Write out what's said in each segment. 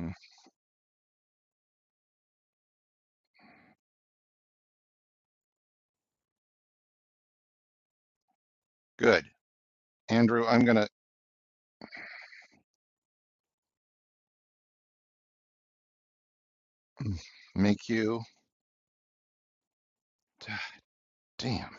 Mm, Good. Andrew, I'm going to make you. Damn.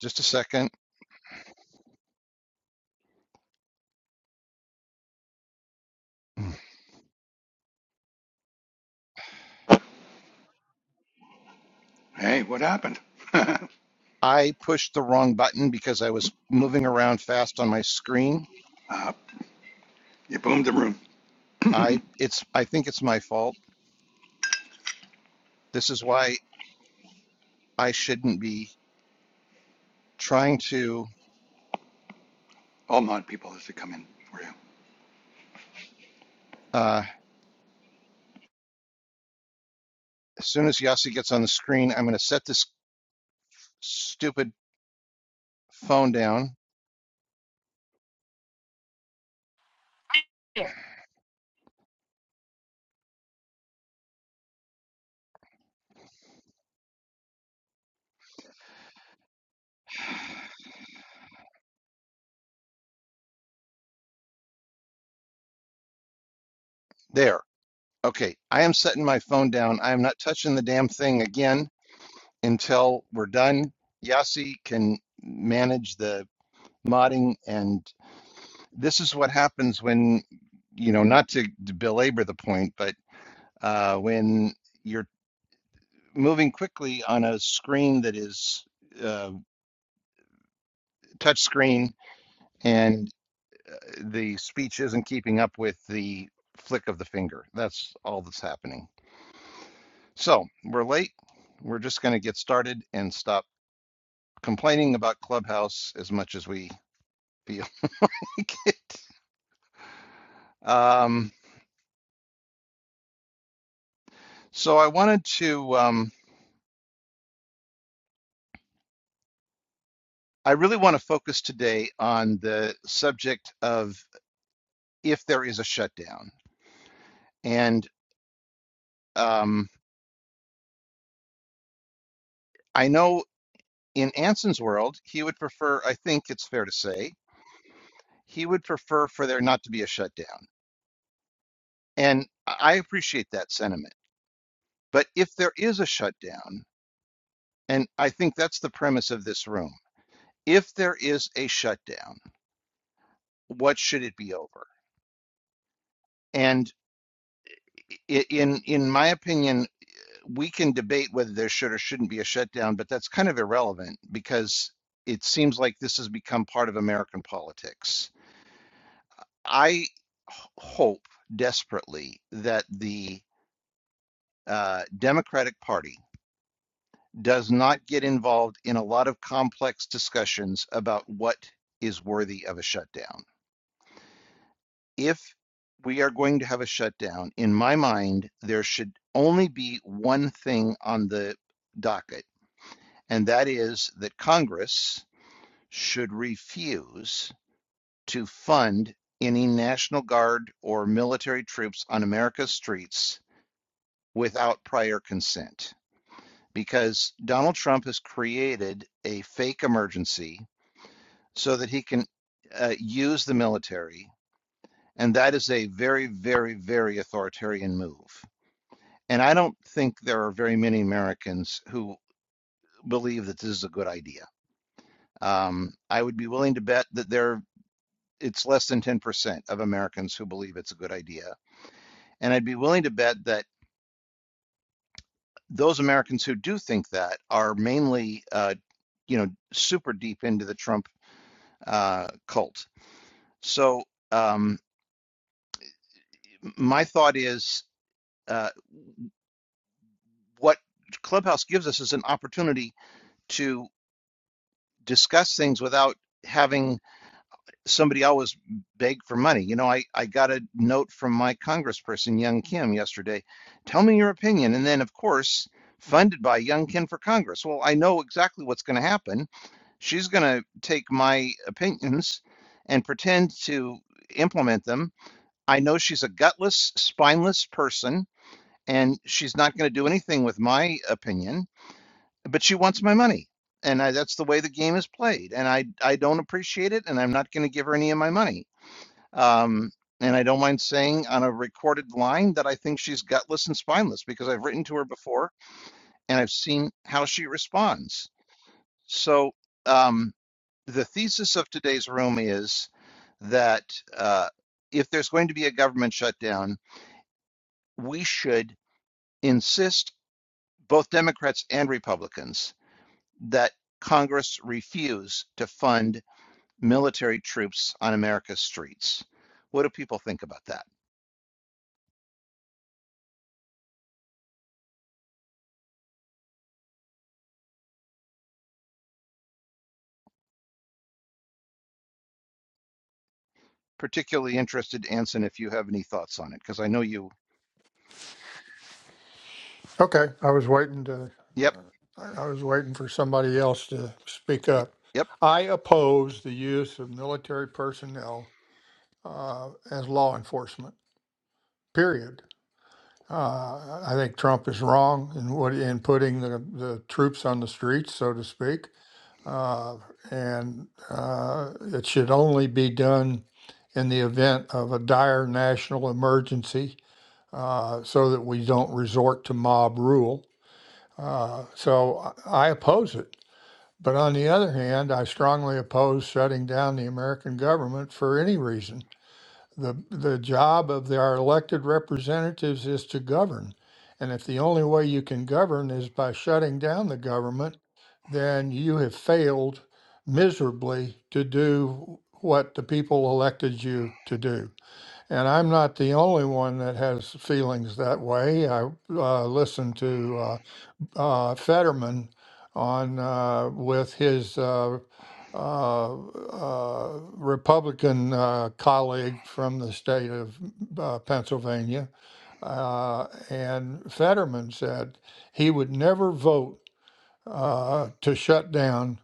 Just a second. Mm. Hey, what happened? uh, I pushed the wrong button because I was moving around fast on my screen. you boomed the room. I it's I think it's my fault. This is why I shouldn't be trying to All mod people has to come in for you. uh as soon as Yasi gets on the screen, I'm going to set this stupid phone down. There. Okay. I am setting my phone down. I am not touching the damn thing again until we're done. Yasi can manage the modding and this is what happens when you know not to, to belabor the point but uh, when you're moving quickly on a screen that is uh, touch screen and uh, the speech isn't keeping up with the flick of the finger that's all that's happening so we're late we're just going to get started and stop complaining about clubhouse as much as we feel like it um, so i wanted to um, I really want to focus today on the subject of if there is a shutdown. And um, I know in Anson's world, he would prefer, I think it's fair to say, he would prefer for there not to be a shutdown. And I appreciate that sentiment. But if there is a shutdown, and I think that's the premise of this room, if there is a shutdown, what should it be over? And in in my opinion, we can debate whether there should or shouldn't be a shutdown, but that's kind of irrelevant because it seems like this has become part of American politics. I hope desperately that the uh, Democratic Party does not get involved in a lot of complex discussions about what is worthy of a shutdown. If we are going to have a shutdown, in my mind, there should only be one thing on the docket, and that is that Congress should refuse to fund any National Guard or military troops on America's streets without prior consent. Because Donald Trump has created a fake emergency so that he can uh, use the military. And that is a very, very, very authoritarian move. And I don't think there are very many Americans who believe that this is a good idea. Um, I would be willing to bet that there it's less than 10% of Americans who believe it's a good idea. And I'd be willing to bet that those Americans who do think that are mainly, uh, you know, super deep into the Trump uh, cult. So um, my thought is uh, what Clubhouse gives us is an opportunity to discuss things without having somebody always begged for money. You know, I, I got a note from my congressperson, Young Kim, yesterday. Tell me your opinion. And then, of course, funded by Young Kim for Congress. Well, I know exactly what's going to happen. She's going to take my opinions and pretend to implement them. I know she's a gutless, spineless person, and she's not going to do anything with my opinion, but she wants my money. And I, that's the way the game is played. And I, I don't appreciate it, and I'm not going to give her any of my money. Um, and I don't mind saying on a recorded line that I think she's gutless and spineless because I've written to her before and I've seen how she responds. So um, the thesis of today's room is that uh, if there's going to be a government shutdown, we should insist, both Democrats and Republicans, that Congress refuse to fund military troops on America's streets. What do people think about that? particularly interested, Anson, if you have any thoughts on it, because I know you. Okay, I was waiting to, Yep. I I was waiting for somebody else to speak up. Yep. I oppose the use of military personnel uh, as law enforcement, period. Uh, I think Trump is wrong in what in putting the, the troops on the streets, so to speak, uh, and uh, it should only be done in the event of a dire national emergency uh, so that we don't resort to mob rule. Uh, so I I oppose it. But on the other hand, I strongly oppose shutting down the American government for any reason. The, the job of our elected representatives is to govern. And if the only way you can govern is by shutting down the government, then you have failed miserably to do what the people elected you to do. And I'm not the only one that has feelings that way. I uh, listen to. uh, uh, Fetterman on uh, with his uh, uh, uh, Republican uh, colleague from the state of uh, Pennsylvania, uh, and Fetterman said he would never vote uh, to shut down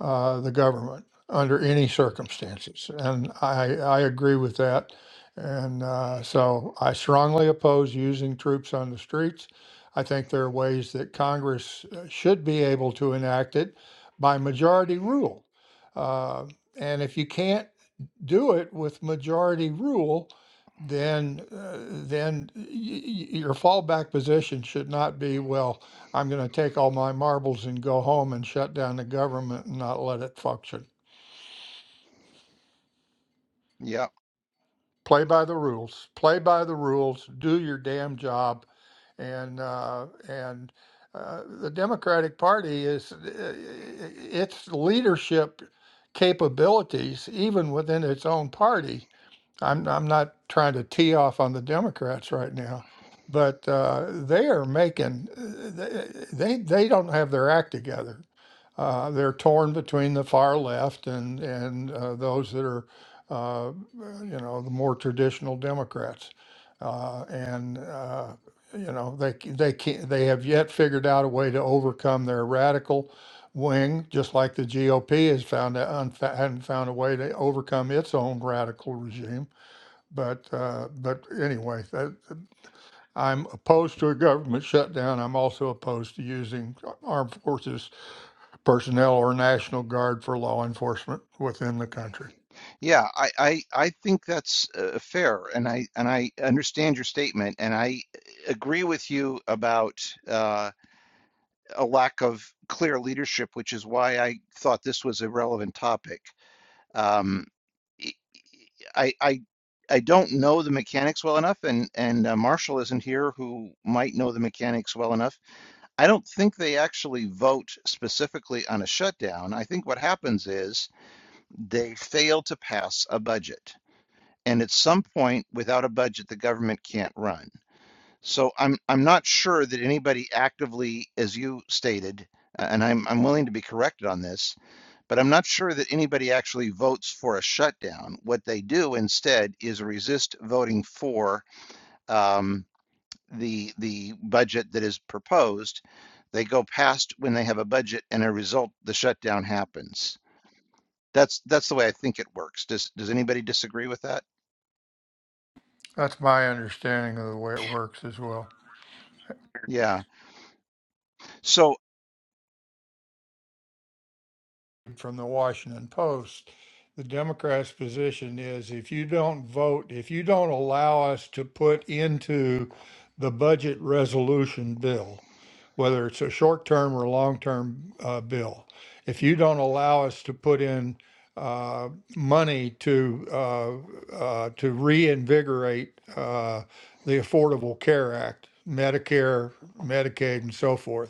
uh, the government under any circumstances. And I, I agree with that. And uh, so I strongly oppose using troops on the streets. I think there are ways that Congress uh, should be able to enact it by majority rule. Uh, and if you can't do it with majority rule, then uh, then y- y- your fallback position should not be, well, I'm going to take all my marbles and go home and shut down the government and not let it function. Yeah. Play by the rules. Play by the rules. Do your damn job. And uh, and uh, the Democratic Party is uh, its leadership capabilities, even within its own party I'm I'm not trying to tee off on the Democrats right now, but uh, they are making uh, they they don't have their act together. Uh, they're torn between the far left and and uh, those that are uh, you know the more traditional Democrats, uh, and uh, you know they c- they can they have yet figured out a way to overcome their radical wing, just like the GOP has found a, unfa- hadn't found a way to overcome its own radical regime but uh, but anyway, that, I'm opposed to a government shutdown. I'm also opposed to using armed forces personnel or National Guard for law enforcement within the country. Yeah. I, I, I think that's uh, fair, and I and I understand your statement, and I agree with you about uh, a lack of clear leadership, which is why I thought this was a relevant topic. Um, I, I, I I don't know the mechanics well enough, and and uh, Marshall isn't here, who might know the mechanics well enough I don't think they actually vote specifically on a shutdown. I think what happens is they fail to pass a budget. And at some point, without a budget, the government can't run. So I'm I'm not sure that anybody actively, as you stated, uh, and I'm I'm willing to be corrected on this, but I'm not sure that anybody actually votes for a shutdown. What they do instead is resist voting for. um, the, the budget that is proposed. They go past when they have a budget and a result, the shutdown happens. That's, that's the way I think it works. Does, does anybody disagree with that? That's my understanding of the way it works as well. Yeah. So from the Washington Post. The Democrats' position is if you don't vote, if you don't allow us to put into the budget resolution bill, whether it's a short term or long term uh, bill, if you don't allow us to put in uh, money to uh, uh, to reinvigorate uh, the Affordable Care Act, Medicare, Medicaid, and so forth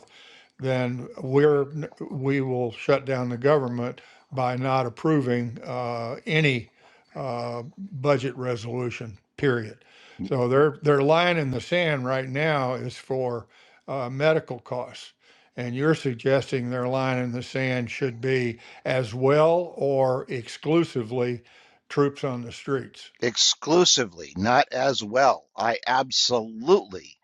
then we're, we will shut down the government by not approving uh, any uh, budget resolution, period. So their, their line in the sand right now is for uh, medical costs. And you're suggesting their line in the sand should be as well or exclusively troops on the streets. exclusively, not as well. I absolutely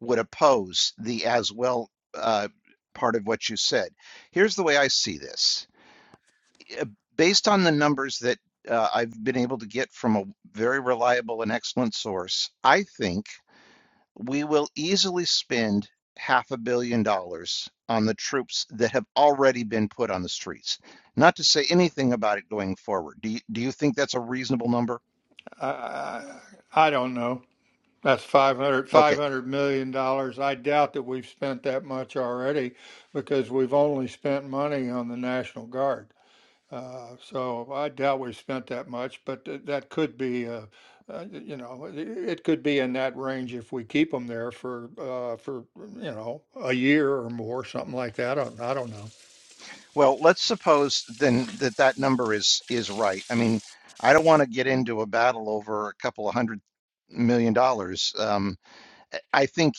would oppose the as well uh, part of what you said. Here's the way I see this. Uh, Based on the numbers that uh, I've been able to get from a very reliable and excellent source, I think. we will easily spend half a billion dollars on the troops that have already been put on the streets. Not to say anything about it going forward. Do you, do you think that's a reasonable number? I, I I don't know. That's five hundred, five Okay. hundred million dollars. I doubt that we've spent that much already because we've only spent money on the National Guard. Uh, so I doubt we've spent that much, but th- that could be, uh, uh, you know, it it could be in that range if we keep them there for, uh, for, you know, a year or more, something like that. I don't, I don't know. Well, let's suppose then that that number is is right. I mean, I don't want to get into a battle over a couple of hundred million dollars. Um, I I think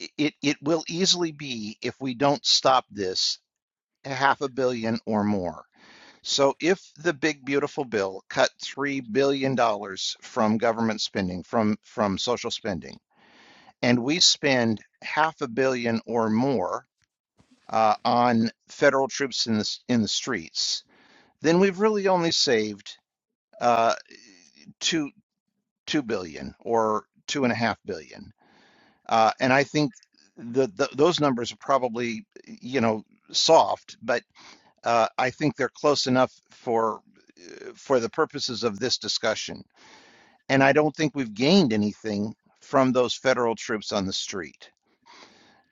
i- it it will easily be if we don't stop this half a billion or more So if the big beautiful bill cut $3 billion dollars from government spending, from, from social spending, and we spend half a billion or more uh, on federal troops in the, in the streets, then we've really only saved uh, two, 2 billion or two and a half billion. Uh, and I think the, the, those numbers are probably, you know, soft, but uh, I think they're close enough for, uh, for the purposes of this discussion And I don't think we've gained anything from those federal troops on the street.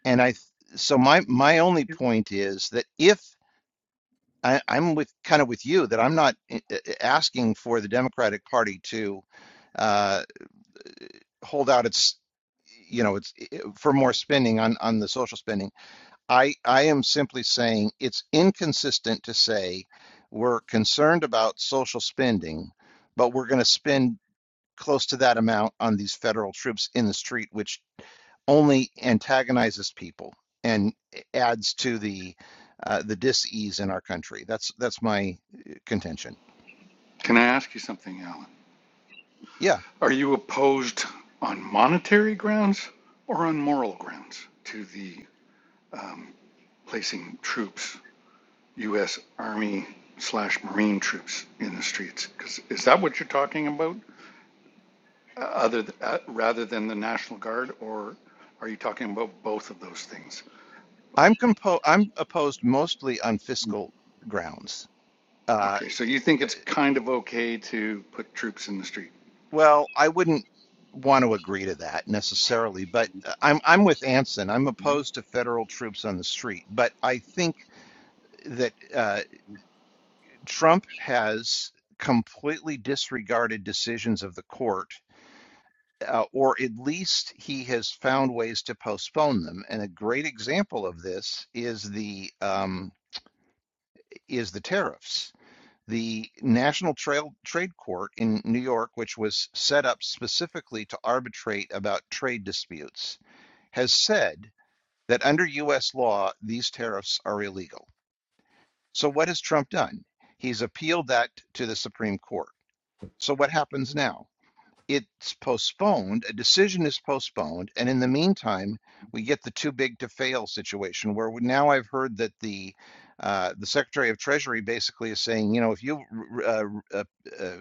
And I, so my my only point is that if I, I'm with kind of with you that I'm not eh, eh, eh, asking for the Democratic Party to uh, hold out its you know it's eh, eh, for more spending on on the social spending i i am simply saying it's inconsistent to say we're concerned about social spending but we're going to spend close to that amount on these federal troops in the street, which only antagonizes people and adds to the uh, the dis-ease in our country. That's that's my uh, contention. Can I ask you something, Alan? Yeah, Are you opposed on monetary grounds or on moral grounds to the um, placing troops, U.S. Army slash Marine troops in the streets? 'Cause is that what you're talking about, uh, other th- uh, rather than the National Guard, or are you talking about both of those things? I'm compo- I'm opposed mostly on fiscal grounds. Uh, Okay, so you think uh, it's kind of okay to put troops in the street? well, I wouldn't want to agree to that necessarily, but uh, I'm I'm with Anson. I'm opposed to federal troops on the street, but I think that. Uh, Trump has completely disregarded decisions of the court, uh, or at least he has found ways to postpone them. And a great example of this is the um, is the tariffs. The National Trail Trade Court in New York, which was set up specifically to arbitrate about trade disputes, has said that under U.S. law, these tariffs are illegal. So, what has Trump done? He's appealed that to the Supreme Court. So what happens now? It's postponed, a decision is postponed, and in the meantime, we get the too big to fail situation where now I've heard that the uh, the Secretary of Treasury basically is saying, you know, if you uh, uh, uh,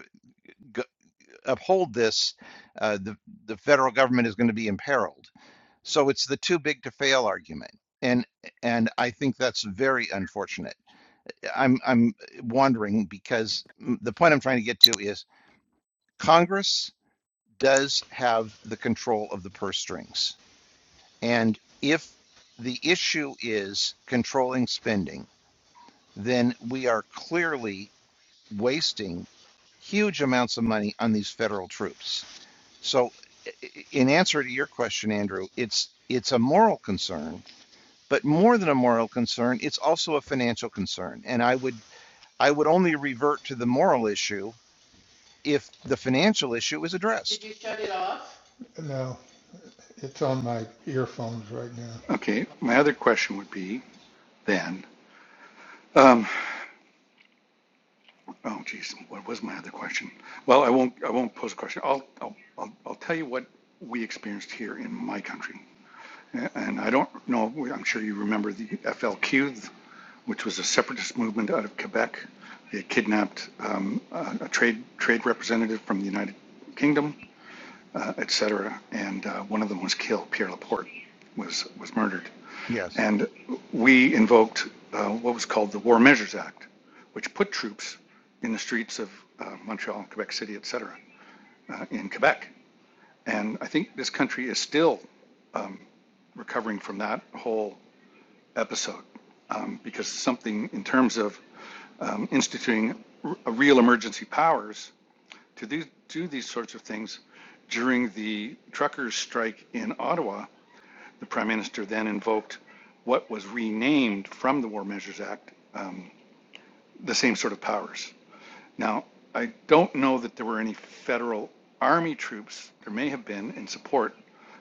uphold this, uh, the the federal government is going to be imperiled. So it's the too big to fail argument, and and I think that's very unfortunate. I'm I'm wondering because mm, the point I'm trying to get to is Congress does have the control of the purse strings. And if the issue is controlling spending, then we are clearly wasting huge amounts of money on these federal troops. So, in answer to your question, Andrew, it's it's a moral concern, but more than a moral concern, it's also a financial concern. And I would I would only revert to the moral issue if the financial issue is Did addressed. you shut it off? No, it's on my earphones right now. Okay, my other question would be then. Um, oh, geez, what was my other question? Well, I won't. I won't pose a question. I'll. I'll. I'll, I'll tell you what we experienced here in my country, and I don't know. I'm sure you remember the FLQ, which was a separatist movement out of Quebec. They kidnapped um, a, a trade trade representative from the United Kingdom, uh, et cetera, and uh, one of them was killed. Pierre Laporte was was murdered. Yes. And we invoked uh, what was called the War Measures Act, which put troops in the streets of uh, Montreal, Quebec City, et cetera, uh, in Quebec. And I think this country is still recovering from that whole episode um, because something in terms of um, instituting r- a real emergency powers to do, do these sorts of things during the truckers' strike in Ottawa, the prime minister then invoked what was renamed from the War Measures Act the same sort of powers. Now, I don't know that there were any federal army troops. There may have been in support,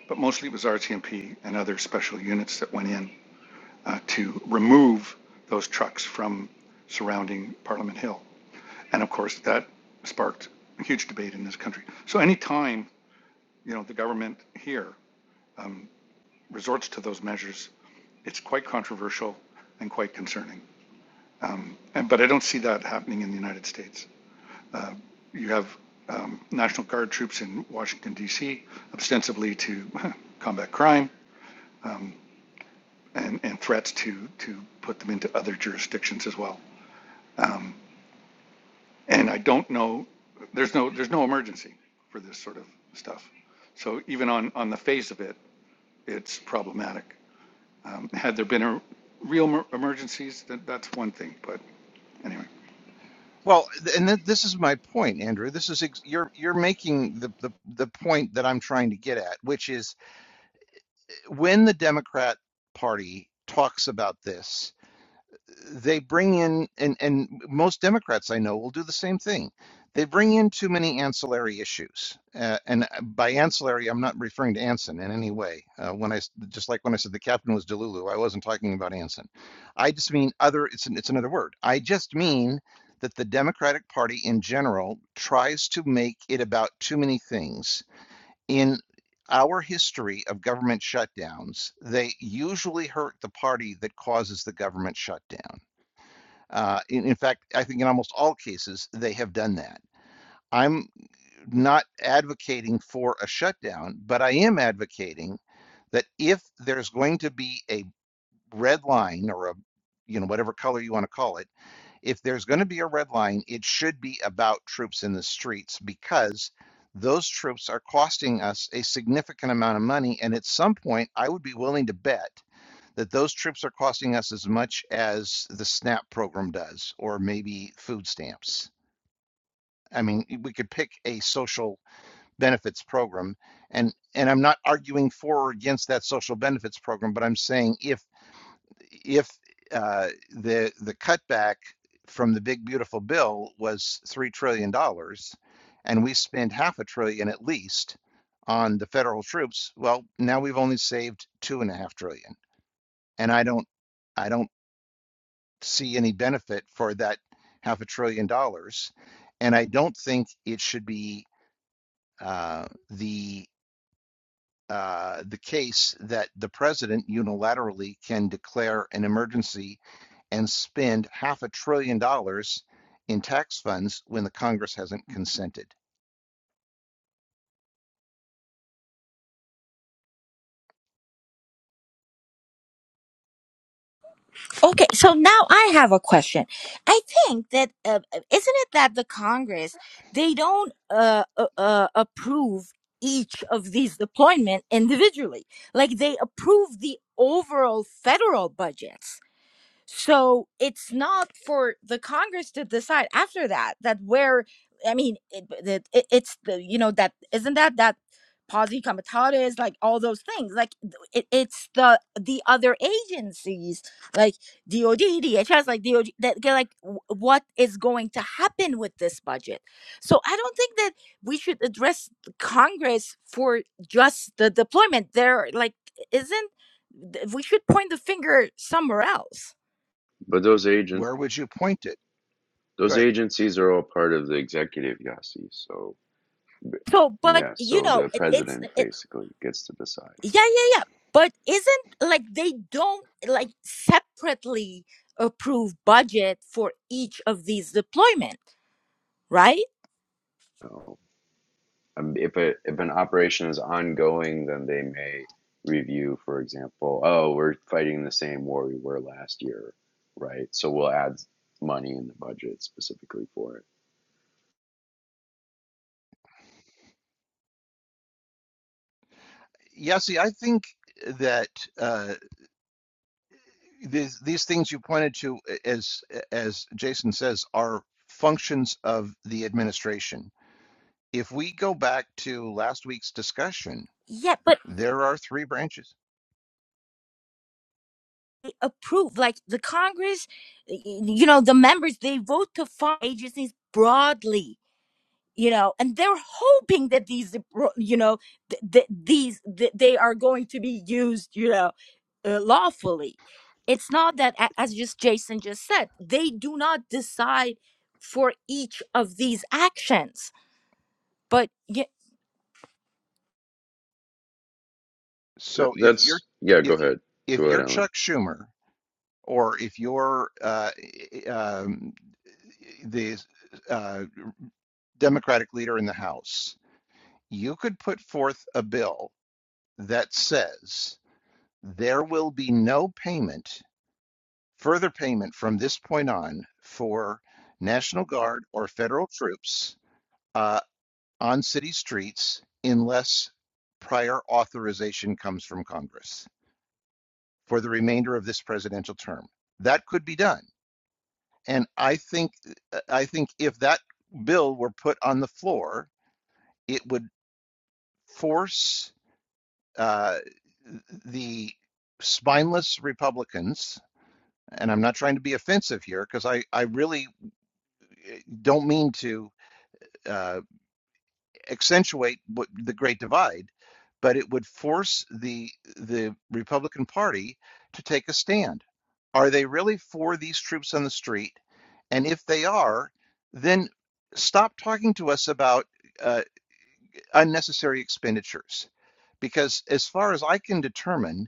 but mostly it was RCMP and other special units that went in uh, to remove those trucks from surrounding Parliament Hill. And of course, that sparked a huge debate in this country. So anytime, you know, the government here resorts to those measures, it's quite controversial and quite concerning. And, but I don't see that happening in the United States. you have um, National Guard troops in Washington D.C. ostensibly to combat crime and, and threats to to put them into other jurisdictions as well. And I don't know. There's no there's no emergency for this sort of stuff. So even on on the face of it, it's problematic. Um, had there been a real emergencies, that, that's one thing. But anyway, Well, th- and th- this is my point, Andrew. This is ex- you're you're making the, the the point that I'm trying to get at, which is when the Democrat Party talks about this they bring in and and most democrats i know will do the same thing they bring in too many ancillary issues uh, and by ancillary i'm not referring to anson in any way uh, when I just like when i said the captain was delulu i wasn't talking about anson i just mean other it's an, it's another word i just mean that the democratic party in general tries to make it about too many things in our history of government shutdowns, they usually hurt the party that causes the government shutdown uh, in, in fact, I think in almost all cases, they have done that. I'm not advocating for a shutdown, but I am advocating that if there's going to be a red line or a, you know, whatever color you want to call it, if there's going to be a red line, it should be about troops in the streets because those troops are costing us a significant amount of money. And at some point, I would be willing to bet that those trips are costing us as much as the SNAP program does, or maybe food stamps. I mean, we could pick a social benefits program, and and I'm not arguing for or against that social benefits program, but I'm saying if if uh, the the cutback from the big beautiful bill was three trillion dollars, and we spend half a trillion at least on the federal troops, well, now we've only saved two and a half trillion, and I don't I don't see any benefit for that half a trillion dollars. And I don't think it should be uh, the uh, the case that the president unilaterally can declare an emergency and spend half a trillion dollars in tax funds when the Congress hasn't consented. Okay, so now I have a question. I think that uh, uh, isn't it that the Congress they don't uh, uh, uh, approve each of these deployment individually. Like they approve the overall federal budgets. So it's not for the Congress to decide after that that where I mean it, it, it- it's the you know that isn't that that posse comitatus like all those things like th- it, it's the the other agencies like DOD DHS like DOD that get, like w- what is going to happen with this budget so I don't think that we should address the Congress for just the deployment there like isn't th- we should point the finger somewhere else But those agents, Where would you point it? those Good. agencies are all part of the executive, Yasi. So So, but yeah, you so know, the it, it's president it, basically gets to decide. yeah, yeah, yeah. But isn't like they don't like separately approve budget for each of these deployment, right? So, um, if a, if an operation is ongoing, then they may review, for example, oh, we're fighting the same war we were last year, right? So we'll add money in the budget specifically for it. Yassi, I think that uh, these these things you pointed to, as as Jason says, are functions of the administration if we go back to last week's discussion, Yeah, but there are three branches. they approve like the Congress, y- y- you know, the members they vote to fund agencies broadly you know and they're hoping that these you know th- th- these th- they are going to be used you know uh, lawfully it's not that a- as just jason just said they do not decide for each of these actions but y- That, So if you're that's yeah. Go if you ahead, go if ahead, you're Alan. Chuck Schumer or if you're uh, eh, eh, um, the uh, Democratic leader in the House, you could put forth a bill that says there will be no payment, further payment from this point on for National Guard or federal troops Uh, on city streets unless prior authorization comes from Congress for the remainder of this presidential term. That could be done. And I think I think if that bill were put on the floor, it would force uh, the spineless Republicans, and I'm not trying to be offensive here because I, I really eh, don't mean to uh, accentuate the Great Divide, but it would force the the Republican Party to take a stand. Are they really for these troops on the street? And if they are, then stop talking to us about uh, unnecessary expenditures. Because as far as I can determine,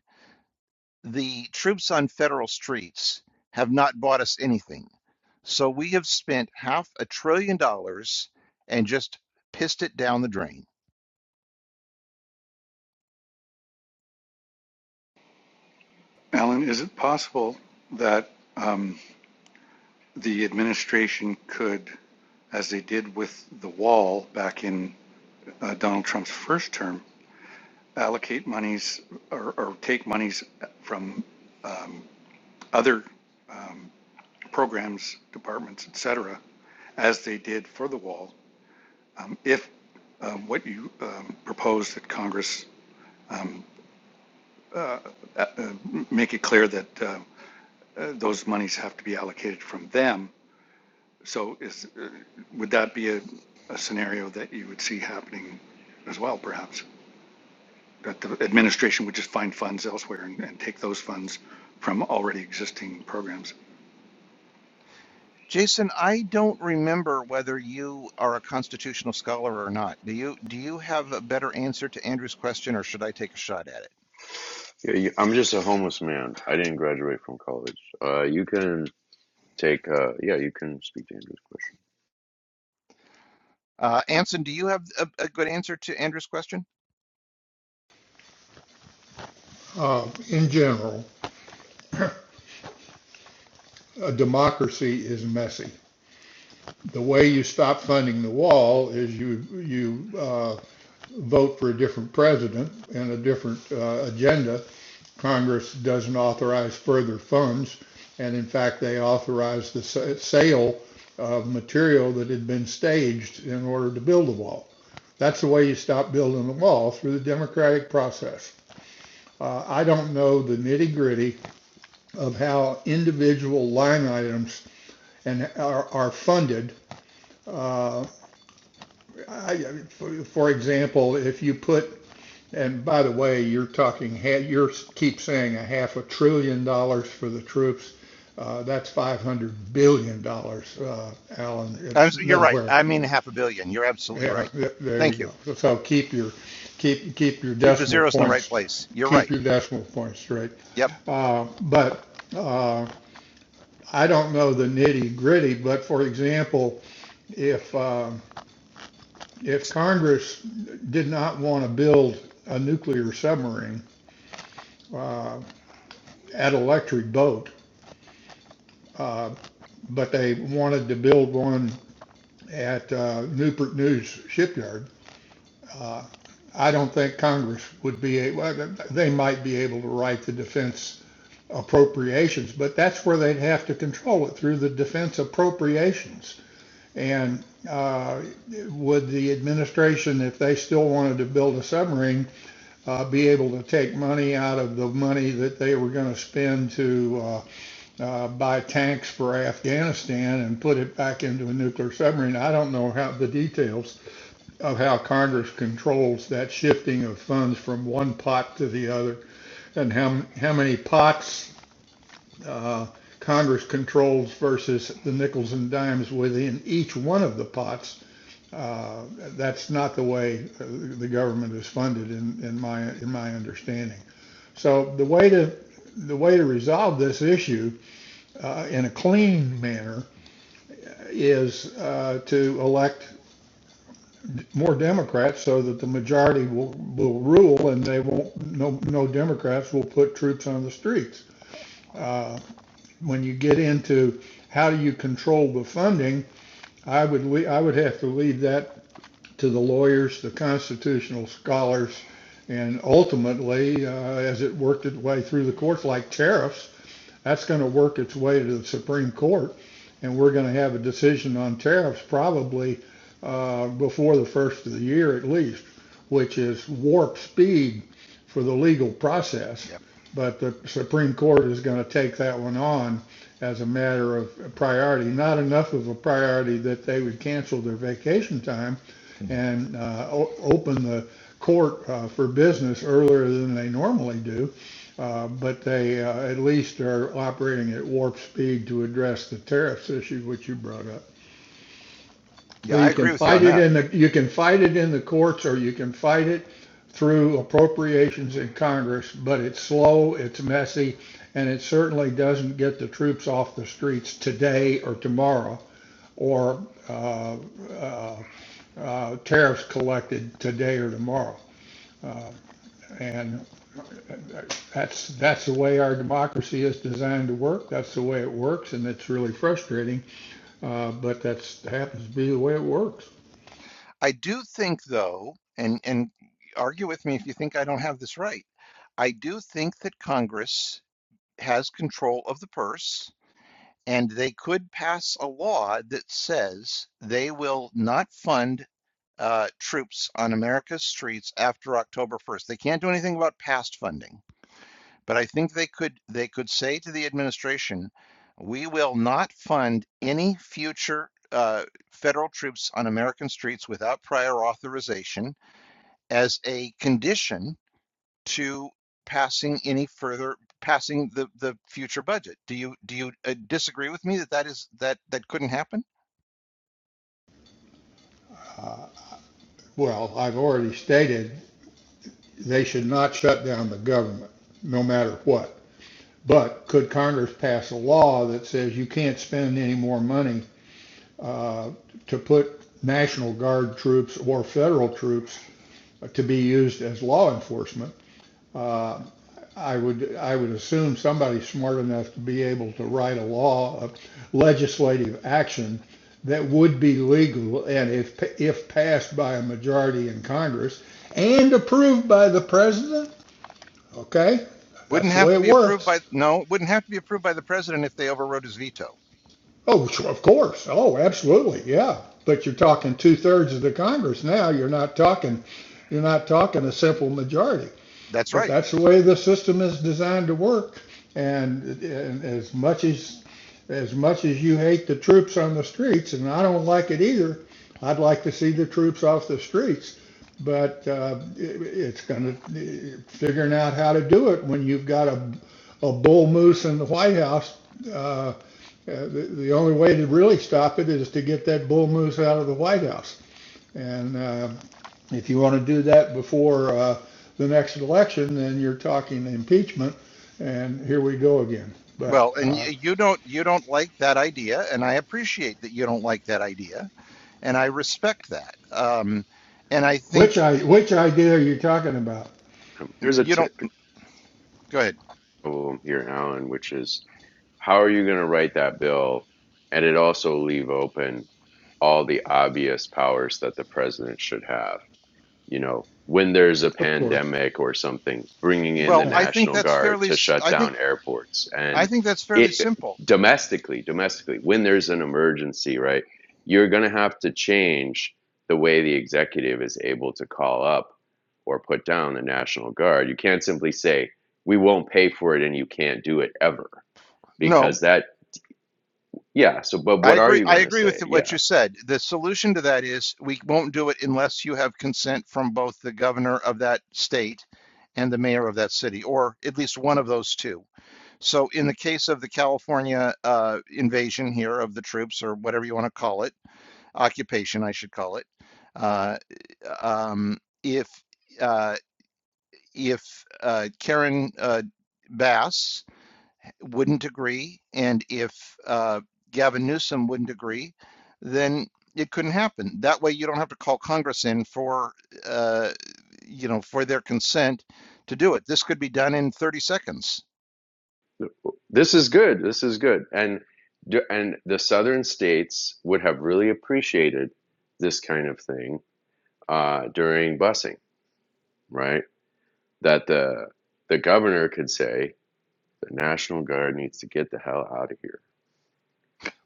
the troops on federal streets have not bought us anything. So we have spent half a trillion dollars and just pissed it down the drain. Alan, is it possible that um, the administration could as they did with the wall back in uh, Donald Trump's first term, allocate monies or, or take monies from other programs, departments, et cetera, as they did for the wall. If um, what you um, propose that Congress make it clear that um, uh, those monies have to be allocated from them, so is, uh, would that be a, a scenario that you would see happening as well, perhaps? that the administration would just find funds elsewhere and, and take those funds from already existing programs. Jason, I don't remember whether you are a constitutional scholar or not. Do you do you have a better answer to Andrew's question, or should I take a shot at it? Yeah, you, I'm just a homeless man. I didn't graduate from college. Uh, you can take. Uh, yeah, you can speak to Andrew's question. Uh, Anson, do you have a, a good answer to Andrew's question? Uh, in general, a democracy is messy. the way you stop funding the wall is you, you uh, vote for a different president and a different uh, agenda. Congress doesn't authorize further funds, and in fact, they authorized the sale of material that had been staged in order to build the wall. That's the way you stop building the wall, through the democratic process. Uh, I don't know the nitty gritty of how individual line items and are, are funded uh, I, for, for example, if you put, and by the way, you're talking, you keep saying a half a trillion dollars for the troops. Uh, that's 500 billion dollars, uh, Alan. I'm, It's s- you're right. nowhere. I mean, half a billion. You're absolutely Yeah, right. there you Thank go. you. So so keep your, keep keep your Keep the decimal zeros in the right points, place. You're keep right. your decimal points straight. Yep. Uh, but uh, I don't know the nitty gritty. But for example, if um, if Congress did not want to build a nuclear submarine uh, at Electric Boat, uh, but they wanted to build one at uh, Newport News Shipyard, uh, I don't think Congress would be able, they might be able to write the defense appropriations, but that's where they'd have to control it through the defense appropriations. And uh, would the administration, if they still wanted to build a submarine, uh, be able to take money out of the money that they were going to spend to uh, uh, buy tanks for Afghanistan and put it back into a nuclear submarine. I don't know how the details of how Congress controls that shifting of funds from one pot to the other and how, how many pots uh, Congress controls versus the nickels and dimes within each one of the pots. Uh, that's not the way uh, the government is funded in, in my in my understanding. So the way to the way to resolve this issue uh, in a clean manner is uh, to elect more Democrats so that the majority will, will rule and they won't no no Democrats will put troops on the streets. Uh, when you get into how do you control the funding, I would le- I would have to leave that to the lawyers, the constitutional scholars, and ultimately, uh, as it worked its way through the courts like tariffs, That's going to work its way to the Supreme Court, and we're going to have a decision on tariffs probably uh, before the first of the year at least, which is warp speed for the legal process. Yep. But the Supreme Court is going to take that one on as a matter of priority, not enough of a priority that they would cancel their vacation time, Mhm. and uh, o- open the court uh, for business earlier than they normally do. Uh, but they uh, at least are operating at warp speed to address the tariffs issue, which you brought up. So Yeah, I You can agree with you fight on it that. in the you can fight it in the courts, or you can fight it through appropriations in Congress. But it's slow, it's messy, and it certainly doesn't get the troops off the streets today or tomorrow or uh, uh, uh, tariffs collected today or tomorrow. Uh, And that's, that's the way our democracy is designed to work. That's the way it works, and it's really frustrating, uh, but that's, happens to be the way it works. I do think, though, and and argue with me if you think I don't have this right. I do think that Congress has control of the purse and they could pass a law that says they will not fund uh, troops on America's streets after October 1st. They can't do anything about past funding, but I think they could they could say to the administration, we will not fund any future uh, federal troops on American streets without prior authorization as a condition to passing any further passing the the future budget. Do you do you uh, disagree with me that that is that that couldn't happen? Well, I've already stated they should not shut down the government, no matter what. But could Congress pass a law that says you can't spend any more money uh, to put National Guard troops or federal troops to be used as law enforcement? Uh, I would, I would assume somebody smart enough to be able to write a law of legislative action that would be legal and if, if passed by a majority in Congress and approved by the president, okay? That's Wouldn't the have way to it be approved works. by no, wouldn't have to be approved by the president if they overrode his veto. Oh, sure, of course. Oh, absolutely. Yeah. But you're talking two thirds of the Congress now. You're not talking, you're not talking a simple majority. That's but right. that's the way the system is designed to work. And, and as much as as much as you hate the troops on the streets, and I don't like it either, I'd like to see the troops off the streets. But uh, it, it's going to figuring out how to do it when you've got a a bull moose in the White House. Uh, uh, the, the only way to really stop it is to get that bull moose out of the White House. And uh, if you want to do that before uh, the next election, then you're talking impeachment, and here we go again. But Well, and uh, you don't you don't like that idea, and I appreciate that you don't like that idea, and I respect that. Um, and I which think I which idea are you talking about? Um, There's a you don't. technical Go ahead. problem here, Alan, which is how are you going to write that bill and it also leave open all the obvious powers that the president should have? you know, when there's a Of course. pandemic or something, bringing in the Well, Yeah. I think National that's Guard fairly. to shut I think down airports I and think that's fairly it simple. domestically, domestically, when there's an emergency, right? You're going to have to change the way the executive is able to call up or put down the National Guard. You can't simply say, we won't pay for it and you can't do it ever No, because that, yeah. So, but I what are agree. you I going to agree with say? Yeah what you said. The solution to that is we won't do it unless you have consent from both the governor of that state and the mayor of that city, or at least one of those two. So, in the case of the California uh, invasion here of the troops, or whatever you want to call it, occupation, I should call it, uh, um, if uh, if uh, Karen uh, Bass wouldn't agree, and if uh, Gavin Newsom wouldn't agree, then it couldn't happen. That way, you don't have to call Congress in for, uh, you know, for their consent to do it. This could be done in 30 seconds. This is good. This is good. And and the southern states would have really appreciated this kind of thing uh, during busing, right? That the the governor could say the National Guard needs to get the hell out of here.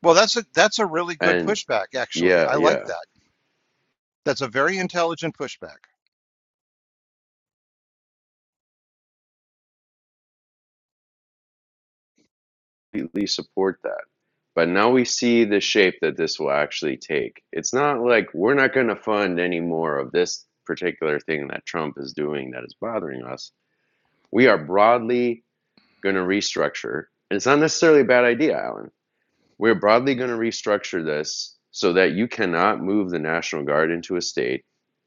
Well, that's a that's a really good And pushback, actually. yeah, I like yeah, that. That's a very intelligent pushback. completely support that. But now we see the shape that this will actually take. It's not like we're not going to fund any more of this particular thing that Trump is doing that is bothering us. We are broadly going to restructure, and it's not necessarily a bad idea, Alan. We're broadly going to restructure this so that you cannot move the National Guard into a state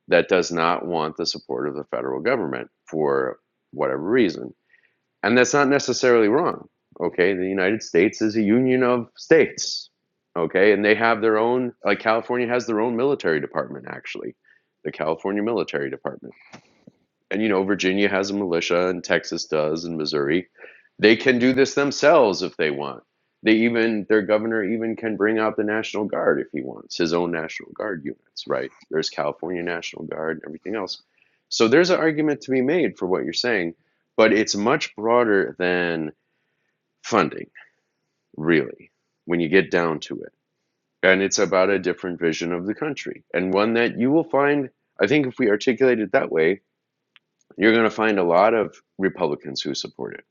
that does not want the support of the federal government for whatever reason. And that's not necessarily wrong. Okay, the United States is a union of states. Okay, and they have their own, like California has their own military department, actually, the California Military Department and you know Virginia has a militia and Texas does and Missouri they can do this themselves if they want they even their governor even can bring out the national guard if he wants his own national guard units right there's California National Guard and everything else so there's an argument to be made for what you're saying but it's much broader than funding really when you get down to it and it's about a different vision of the country and one that you will find I think if we articulate it that way you're going to find a lot of Republicans who support it.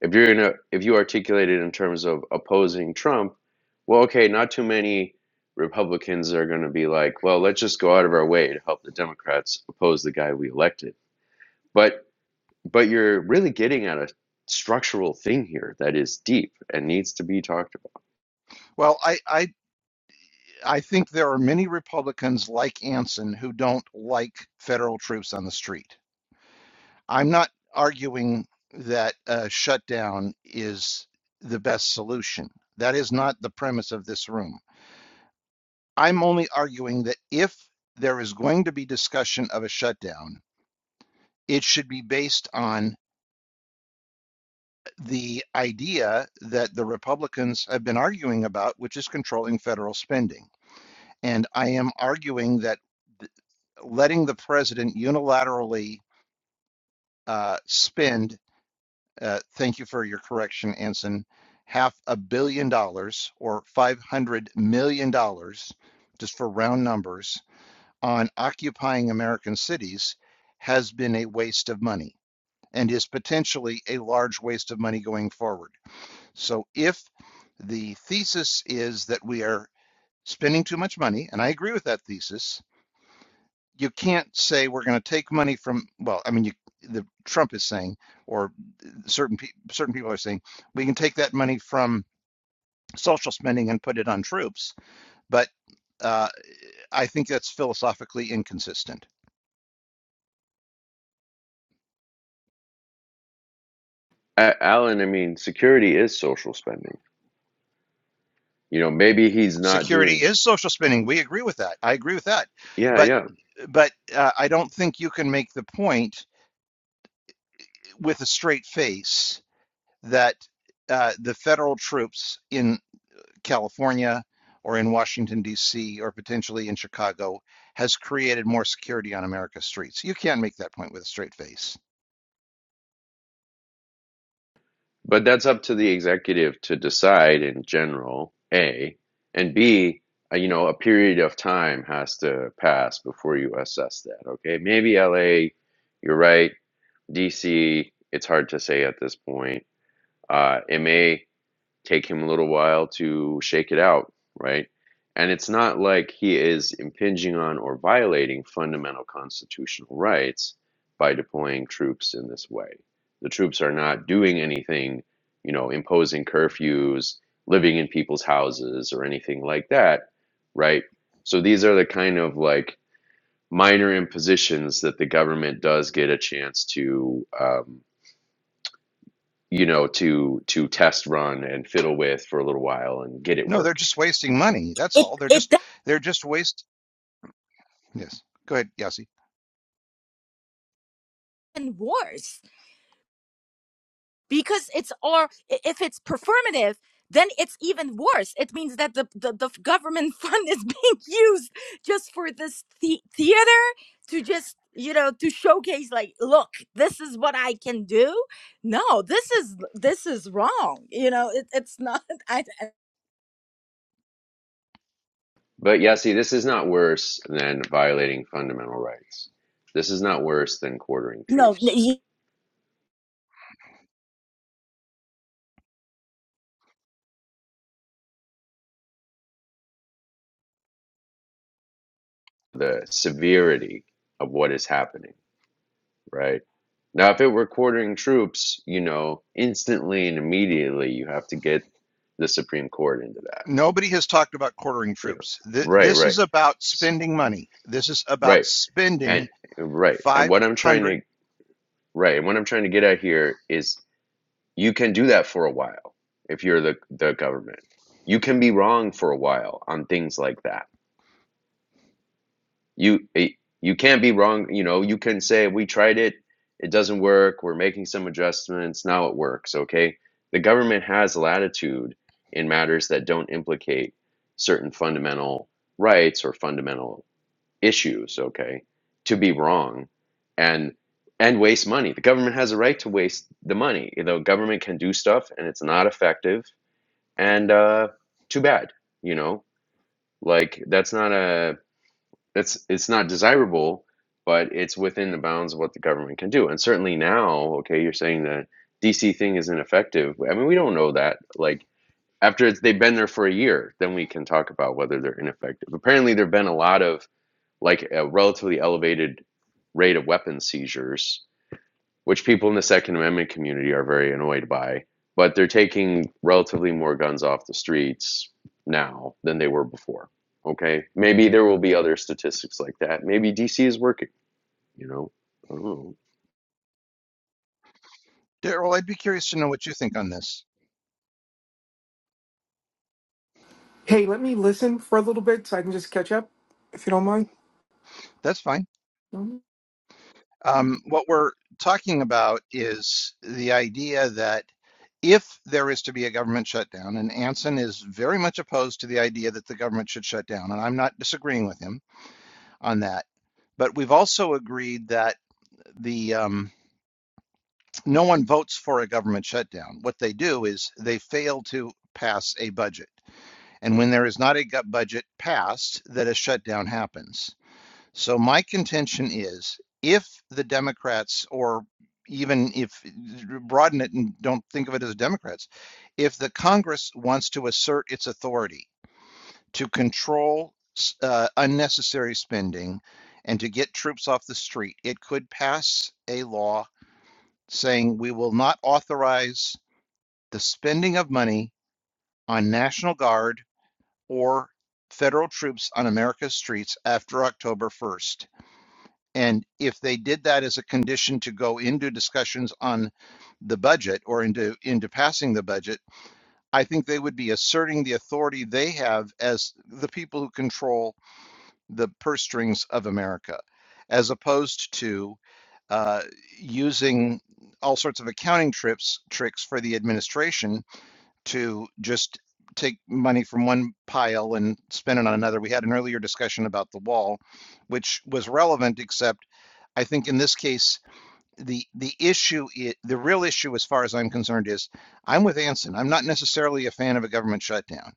If you're gonna, if you articulate it in terms of opposing Trump, well, okay, not too many Republicans are going to be like, well, let's just go out of our way to help the Democrats oppose the guy we elected. But but you're really getting at a structural thing here that is deep and needs to be talked about. Well, I I I think there are many Republicans like Anson who don't like federal troops on the street. I'm not arguing that a shutdown is the best solution. That is not the premise of this room. I'm only arguing that if there is going to be discussion of a shutdown, it should be based on the idea that the Republicans have been arguing about, which is controlling federal spending. And I am arguing that letting the president unilaterally uh, spend Uh, thank you for your correction, Anson. Half a billion dollars or $500 million, dollars, just for round numbers, on occupying American cities has been a waste of money and is potentially a large waste of money going forward. So if the thesis is that we are spending too much money, and I agree with that thesis, you can't say we're going to take money from, well, I mean, you, the Trump is saying, or certain pe- certain people are saying we can take that money from social spending and put it on troops, but uh, I think that's philosophically inconsistent. A- Alan, I mean, security is social spending. You know, maybe he's not Security doing. is social spending. We agree with that. I agree with that, Yeah, but yeah. but uh, I don't think you can make the point with a straight face that uh, the federal troops in California or in Washington D.C. or potentially in Chicago has created more security on America's streets. You can't make that point with a straight face. But that's up to the executive to decide in general, A, and B, uh, you know, a period of time has to pass before you assess that, okay? Maybe LA, you're right. DC, it's hard to say at this point. Uh, it may take him a little while to shake it out, right? And it's not like he is impinging on or violating fundamental constitutional rights by deploying troops in this way. The troops are not doing anything, you know, imposing curfews, living in people's houses, or anything like that, right? So these are the kind of like minor impositions that the government does get a chance to um, you know, to to test run and fiddle with for a little while and get it No, they're working. just wasting money. That's it all. They're it just they're just waste. Yes. Go ahead, Yossi. doesn't worse because it's or if it's performative then it's even worse it means that the, the, the government fund is being used just for this the- theater to just you know to showcase like look this is what i can do no this is this is wrong you know it, it's not i I- But yeah, see, this is not worse than violating fundamental rights. This is not worse than quartering no troops. The severity of what is happening, right? Now, if it were quartering troops, you know, instantly and immediately you have to get the Supreme Court into that. Nobody has talked about quartering You know, troops. Th- right, this right, is about S- spending money. This is about right, and spending right. And what I'm trying 500. to right, and what I'm trying to get at here is you can do that for a while if you're the the government. You can be wrong for a while on things like that. You you can't be wrong. You know, you can say we tried it, it doesn't work. We're making some adjustments. Now it works. Okay, the government has latitude in matters that don't implicate certain fundamental rights or fundamental issues. Okay, to be wrong, and and waste money. The government has a right to waste the money. The government can do stuff and it's not effective and uh too bad you know like that's not a that's it's not desirable but it's within the bounds of what the government can do and certainly now okay you're saying that dc thing is ineffective i mean we don't know that like after it's, they've been there for a year then we can talk about whether they're ineffective apparently there have been a lot of like a relatively elevated rate of weapon seizures which people in the Second Amendment community are very annoyed by. But they're taking relatively more guns off the streets now than they were before. Okay, maybe there will be other statistics like that. Maybe DC is working. You know, I don't know. Daryl, I'd be curious to know what you think on this. Hey, let me listen for a little bit so I can just catch up, if you don't mind. That's fine. Mhm. Um, what we're talking about is the idea that if there is to be a government shutdown, and Anson is very much opposed to the idea that the government should shut down, and I'm not disagreeing with him on that, but we've also agreed that the um, no one votes for a government shutdown. What they do is they fail to pass a budget, and when there is not a budget passed, that a shutdown happens. So my contention is, if the Democrats, or even if broaden it and don't think of it as Democrats, if the Congress wants to assert its authority to control uh, unnecessary spending and to get troops off the street, it could pass a law saying we will not authorize the spending of money on National Guard or federal troops on America's streets after October 1st. And if they did that as a condition to go into discussions on the budget or into into passing the budget, I think they would be asserting the authority they have as the people who control the purse strings of America, as opposed to uh, using all sorts of accounting trips tricks for the administration to just take money from one pile and spend it on another. We had an earlier discussion about the wall, which was relevant, except I think in this case the the issue i the real issue as far as I'm concerned is I'm with Anson. I'm not necessarily a fan of a government shutdown.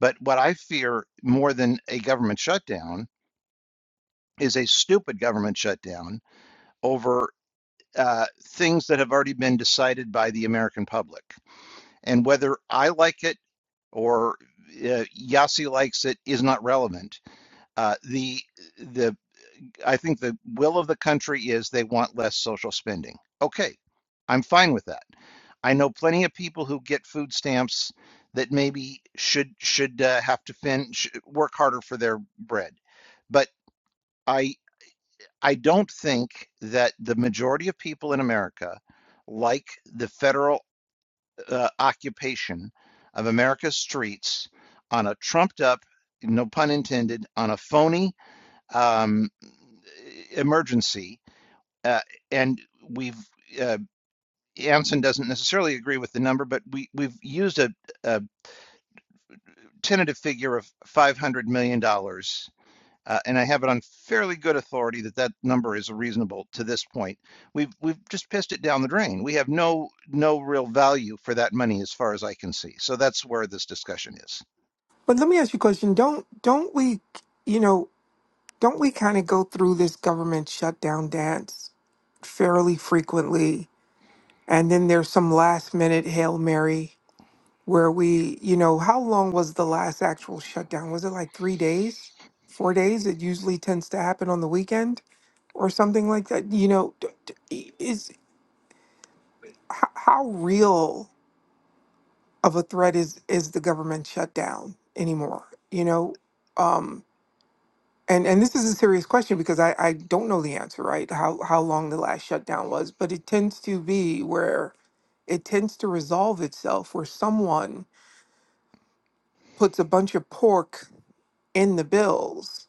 But what I fear more than a government shutdown is a stupid government shutdown over uh, things that have already been decided by the American public. And whether I like it or uh, Yasi likes it is not relevant. Uh, the the I think the will of the country is they want less social spending. Okay, I'm fine with that. I know plenty of people who get food stamps that maybe should should uh, have to fin sh work harder for their bread, but. I. I don't think that the majority of people in America like the federal uh, occupation of America's streets on a trumped up, no pun intended, on a phony um, emergency. Uh, and we've, uh, Anson doesn't necessarily agree with the number, but we, we've used a, a tentative figure of $500 million dollars uh, and I have it on fairly good authority that that number is reasonable to this point. We've we've just pissed it down the drain. We have no no real value for that money as far as I can see. So that's where this discussion is. But let me ask you a question. Don't don't we, you know, don't we kind of go through this government shutdown dance fairly frequently, and then there's some last minute hail mary where we, you know, how long was the last actual shutdown? Was it like three days, four days? It usually tends to happen on the weekend or something like that. You know, d- d- is how, how real of a threat is is the government shutdown anymore you know um and and this is a serious question because i i don't know the answer right how how long the last shutdown was but it tends to be where it tends to resolve itself where someone puts a bunch of pork in the bills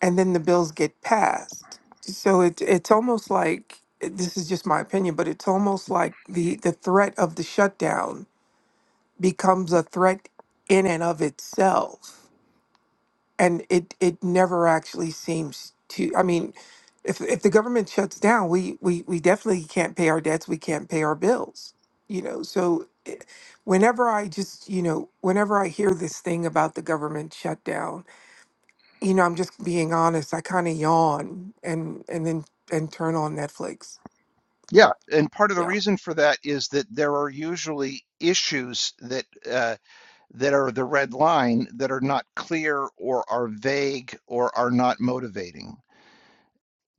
and then the bills get passed so it it's almost like this is just my opinion but it's almost like the the threat of the shutdown becomes a threat in and of itself and it it never actually seems to i mean if if the government shuts down we we we definitely can't pay our debts we can't pay our bills you know so eh, whenever i just you know whenever i hear this thing about the government shutdown you know i'm just being honest i kind of yawn and and then and turn on netflix Yeah, and part of the yeah reason for that is that there are usually issues that uh, that are the red line that are not clear or are vague or are not motivating.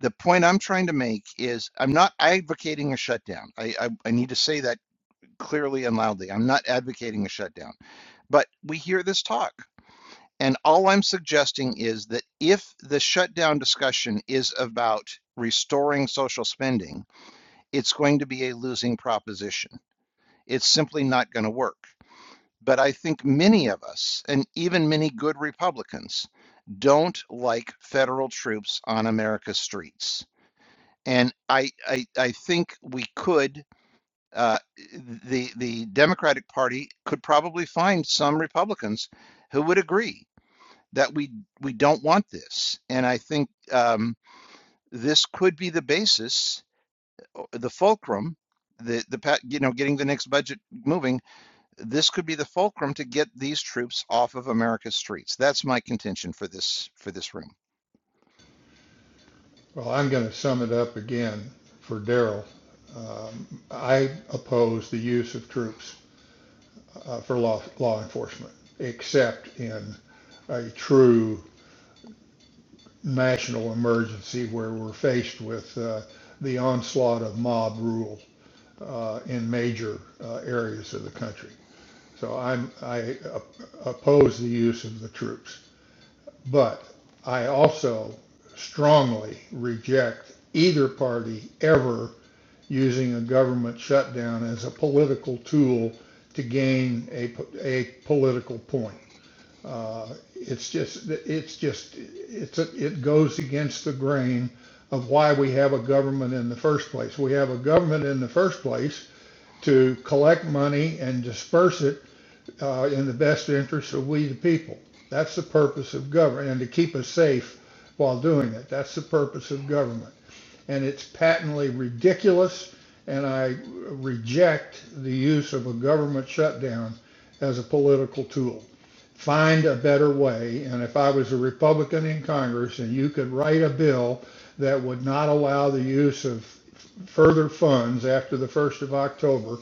The point I'm trying to make is I'm not advocating a shutdown. I, I, I need to say that clearly and loudly. I'm not advocating a shutdown, but we hear this talk. And all I'm suggesting is that if the shutdown discussion is about restoring social spending, it's going to be a losing proposition. It's simply not going to work. But I think many of us, and even many good Republicans, don't like federal troops on America's streets. And I, I, I think we could uh, the the Democratic Party could probably find some Republicans who would agree that we we don't want this, and I think um, this could be the basis, uh, the fulcrum, the the you know getting the next budget moving. This could be the fulcrum to get these troops off of America's streets. That's my contention for this for this room. Well, I'm going to sum it up again for Darrell. Um, I oppose the use of troops uh, for law law enforcement, except in a true national emergency where we're faced with uh, the onslaught of mob rule uh, in major uh, areas of the country. So I'm, I oppose the use of the troops. But I also strongly reject either party ever using a government shutdown as a political tool to gain a, a political point. Uh, it's just, it's just, it's, a, it goes against the grain of why we have a government in the first place. We have a government in the first place to collect money and disperse it uh, in the best interest of we the people. That's the purpose of government, and to keep us safe while doing it. That's the purpose of government. And it's patently ridiculous, and I reject the use of a government shutdown as a political tool. Find a better way, and if I was a Republican in Congress and you could write a bill that would not allow the use of further funds after the 1st of October,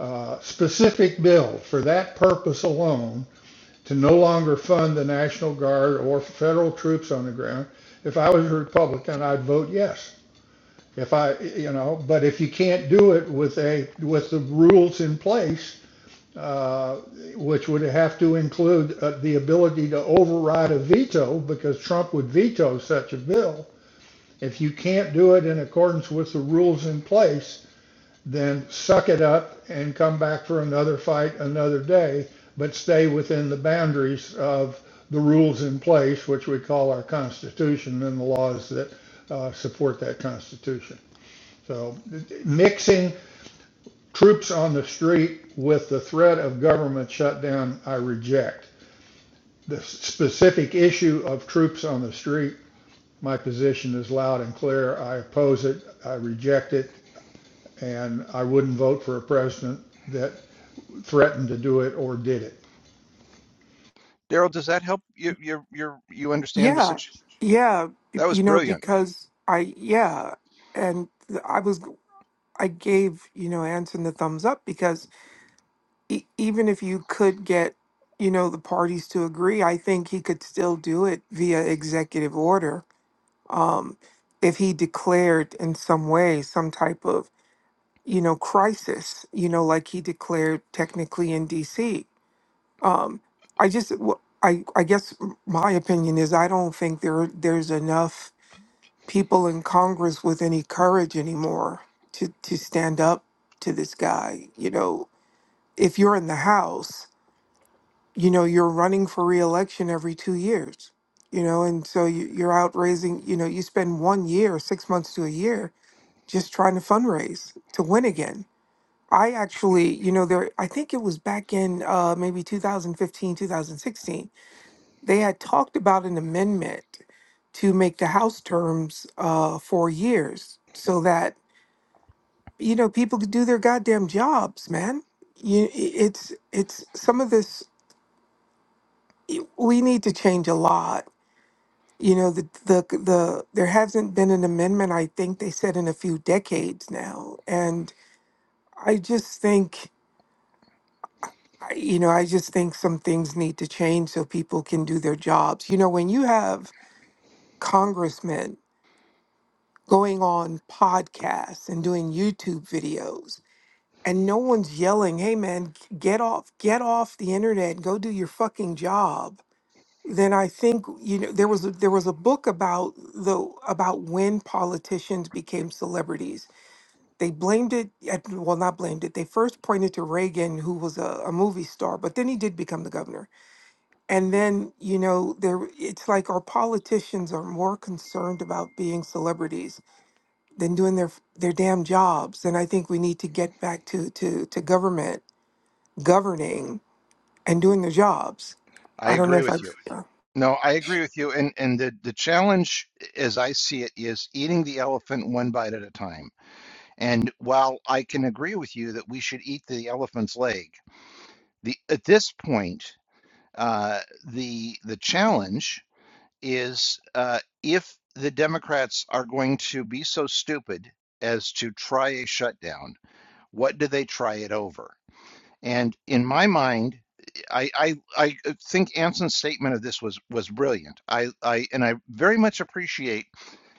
uh, specific bill for that purpose alone to no longer fund the National Guard or federal troops on the ground. If I was a Republican, I'd vote yes. If I, you know, but if you can't do it with a with the rules in place, uh, which would have to include uh, the ability to override a veto because Trump would veto such a bill. If you can't do it in accordance with the rules in place, then suck it up and come back for another fight another day, but stay within the boundaries of the rules in place, which we call our Constitution and the laws that uh, support that Constitution. So mixing troops on the street with the threat of government shutdown, I reject. The specific issue of troops on the street, my position is loud and clear. I oppose it. I reject it. And I wouldn't vote for a president that. threatened to do it or did it. Daryl, does that help you? You you you understand the yeah situation? yeah b- That was you know brilliant. because i yeah and th- i was i gave you know anson the thumbs up because e- even if you could get, you know, the parties to agree, I think he could still do it via executive order. Um, if he declared in some way some type of, you know, crisis, you know, like he declared technically in D.C. Um, I just, w- I, I guess m- my opinion is I don't think there there's enough people in Congress with any courage anymore to to stand up to this guy. You know, if you're in the House. you know you're running for reelection every two years you know and so you, you're out raising you know you spend one year six months to a year just trying to fundraise to win again i actually you know there i think it was back in uh, maybe 2015, 2016. they had talked about an amendment to make the house terms uh, four years so that you know people could do their goddamn jobs man you, it's it's some of this we need to change a lot You know, the, the the there hasn't been an amendment. I think they said in a few decades now, and I just think, I- you know, I just think some things need to change so people can do their jobs. You know, when you have congressmen going on podcasts and doing YouTube videos, and no one's yelling, "Hey, man, get off, get off the internet, go do your fucking job." then I think you know there was a, there was a book about the about when politicians became celebrities. They blamed it at, well not blamed it. They first pointed to Reagan who was a, a movie star, but then he did become the governor. And then you know there it's like our politicians are more concerned about being celebrities than doing their their damn jobs. And I think we need to get back to to to government governing and doing their jobs. I I don't know agree if with you. I. No, I agree with you. And and the the challenge, as I see it, is eating the elephant one bite at a time. And while I can agree with you that we should eat the elephant's leg, the at this point, uh, the the challenge is uh, if the Democrats are going to be so stupid as to try a shutdown, what do they try it over? And in my mind, I, I I uh, think Anson's statement of this was was brilliant. I, I and I very much appreciate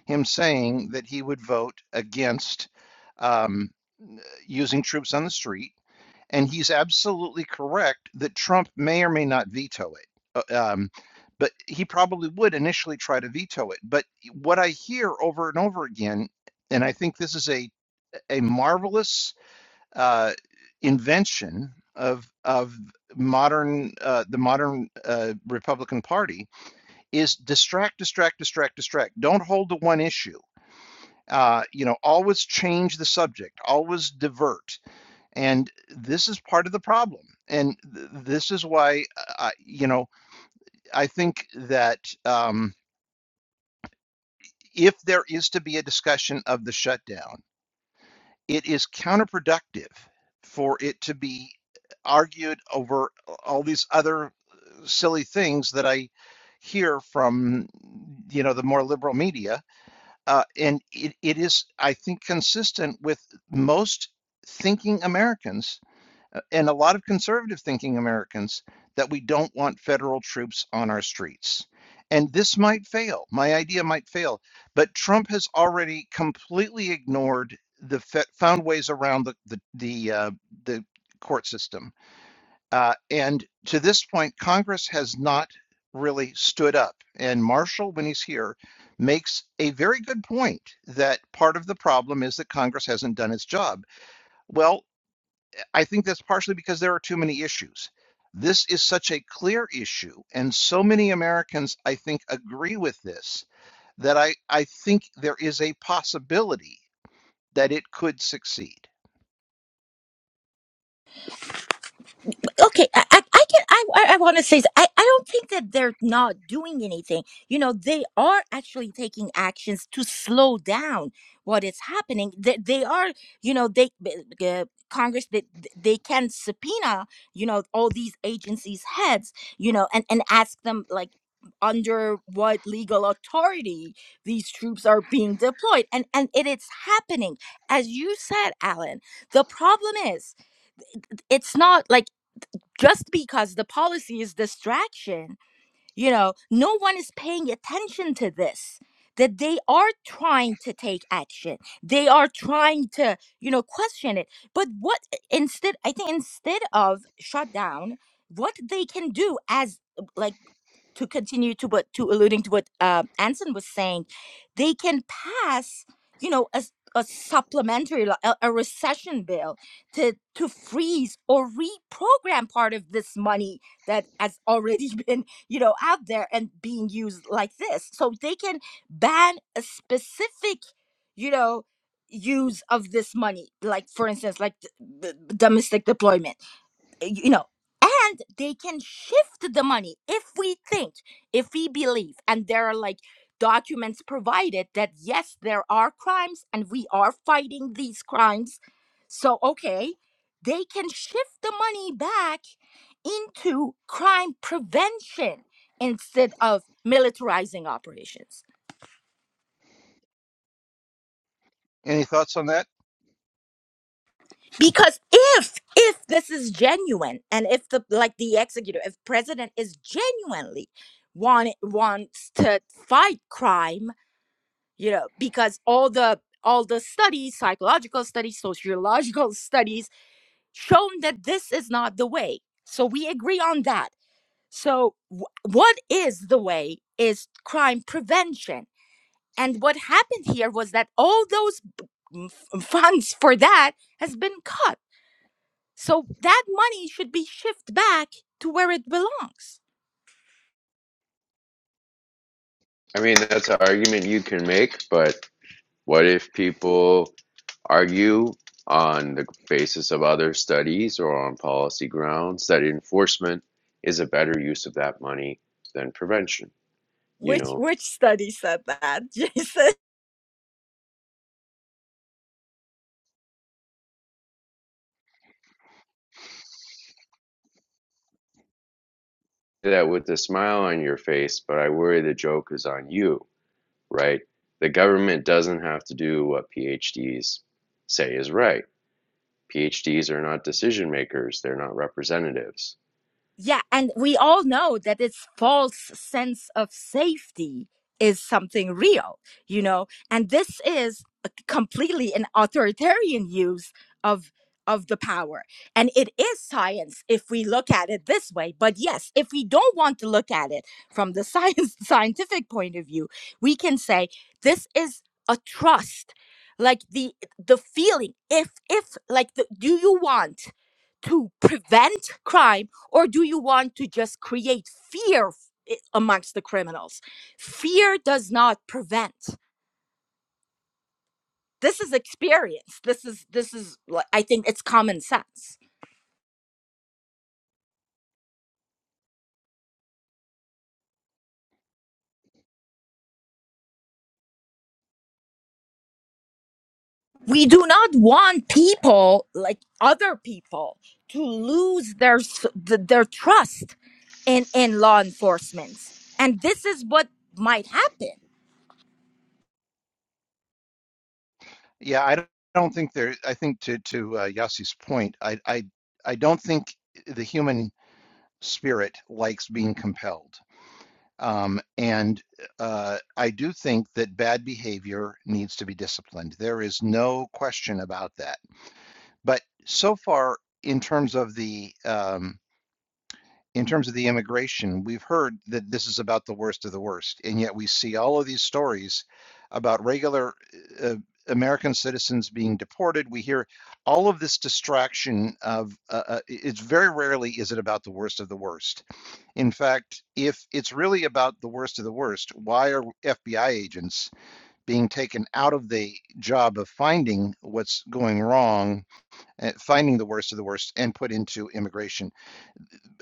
him saying that he would vote against um, using troops on the street, and he's absolutely correct that Trump may or may not veto it. Uh, Um, but he probably would initially try to veto it. But what I hear over and over again, and I think this is a a marvelous uh, invention of of modern uh, the modern uh, Republican Party is distract, distract, distract, distract. Don't hold to one issue. Uh, you know, always change the subject, always divert, and this is part of the problem. And th- this is why, uh, you know, I think that um, if there is to be a discussion of the shutdown it is counterproductive for it to be argued over all these other uh, silly things that I hear from you know the more liberal media uh, and it, it is I think consistent with most thinking Americans uh, and a lot of conservative thinking Americans that we don't want federal troops on our streets. And this might fail. My idea might fail. But Trump has already completely ignored the found ways around the the the, uh, the court system. Uh, and to this point, Congress has not really stood up. And Marshall, when he's here, makes a very good point that part of the problem is that Congress hasn't done its job. Well, I think that's partially because there are too many issues. This is such a clear issue, and so many Americans, I think, agree with this that I, I think there is a possibility that it could succeed. okay i i, I can i i I want to say I I I, I don't think that they're not doing anything you know they are actually taking actions to slow down what is happening they, they are you know they uh, congress they, they can subpoena you know all these agencies heads you know and and ask them like under what legal authority these troops are being deployed and and it is happening as you said alan the problem is it's not like just because the policy is distraction you know no one is paying attention to this that they are trying to take action they are trying to you know question it but what instead i think instead of shut down what they can do as like to continue to what to alluding to what uh, Anson was saying, they can pass, you know, a a supplementary like, a, a recession bill to to freeze or reprogram part of this money that has already been you know out there and being used like this. So they can ban a specific, you know use of this money like for instance like th- th- domestic deployment eh, you know and they can shift the money if we think if we believe and there are like documents provided that yes there are crimes and we are fighting these crimes so okay they can shift the money back into crime prevention instead of militarizing operations Any thoughts on that? because if if this is genuine and if the like the executive if president is genuinely want wants to fight crime you know because all the all the studies psychological studies sociological studies shown that this is not the way so we agree on that so wh- what is the way is crime prevention and what happened here was that all those b- m- f- funds for that has been cut so that money should be shifted back to where it belongs. I mean, that's an argument you can make, but what if people argue on the basis of other studies or on policy grounds that enforcement is a better use of that money than prevention? You Which know, which study said that, Jason? that with a smile on your face, but I worry the joke is on you, right? The government doesn't have to do what PhDs say is right. PhDs are not decision makers, they're not representatives. Yeah, and we all know that this false sense of safety is something real, you know, and this is a completely an authoritarian use of of the power. And it is science if we look at it this way. But yes, if we don't want to look at it from the science scientific point of view, we can say this is a trust. Like the the feeling if if like the, do you want to prevent crime or do you want to just create fear amongst the criminals? Fear does not prevent. This is experience. This is this is like I think it's common sense. We do not want people like other people to lose their their trust in in law enforcement. And this is what might happen Yeah, I don't, I don't think there. I think to to uh, Yassi's point, I, I I don't think the human spirit likes being compelled, um, and uh, I do think that bad behavior needs to be disciplined. There is no question about that But so far, in terms of the um, in terms of the immigration, we've heard that this is about the worst of the worst, and yet we see all of these stories about regular uh, American citizens being deported. We hear all of this distraction of uh, uh, it's very rarely is it about the worst of the worst. In fact, if it's really about the worst of the worst, why are FBI agents being taken out of the job of finding what's going wrong? uh, finding the worst of the worst and put into immigration.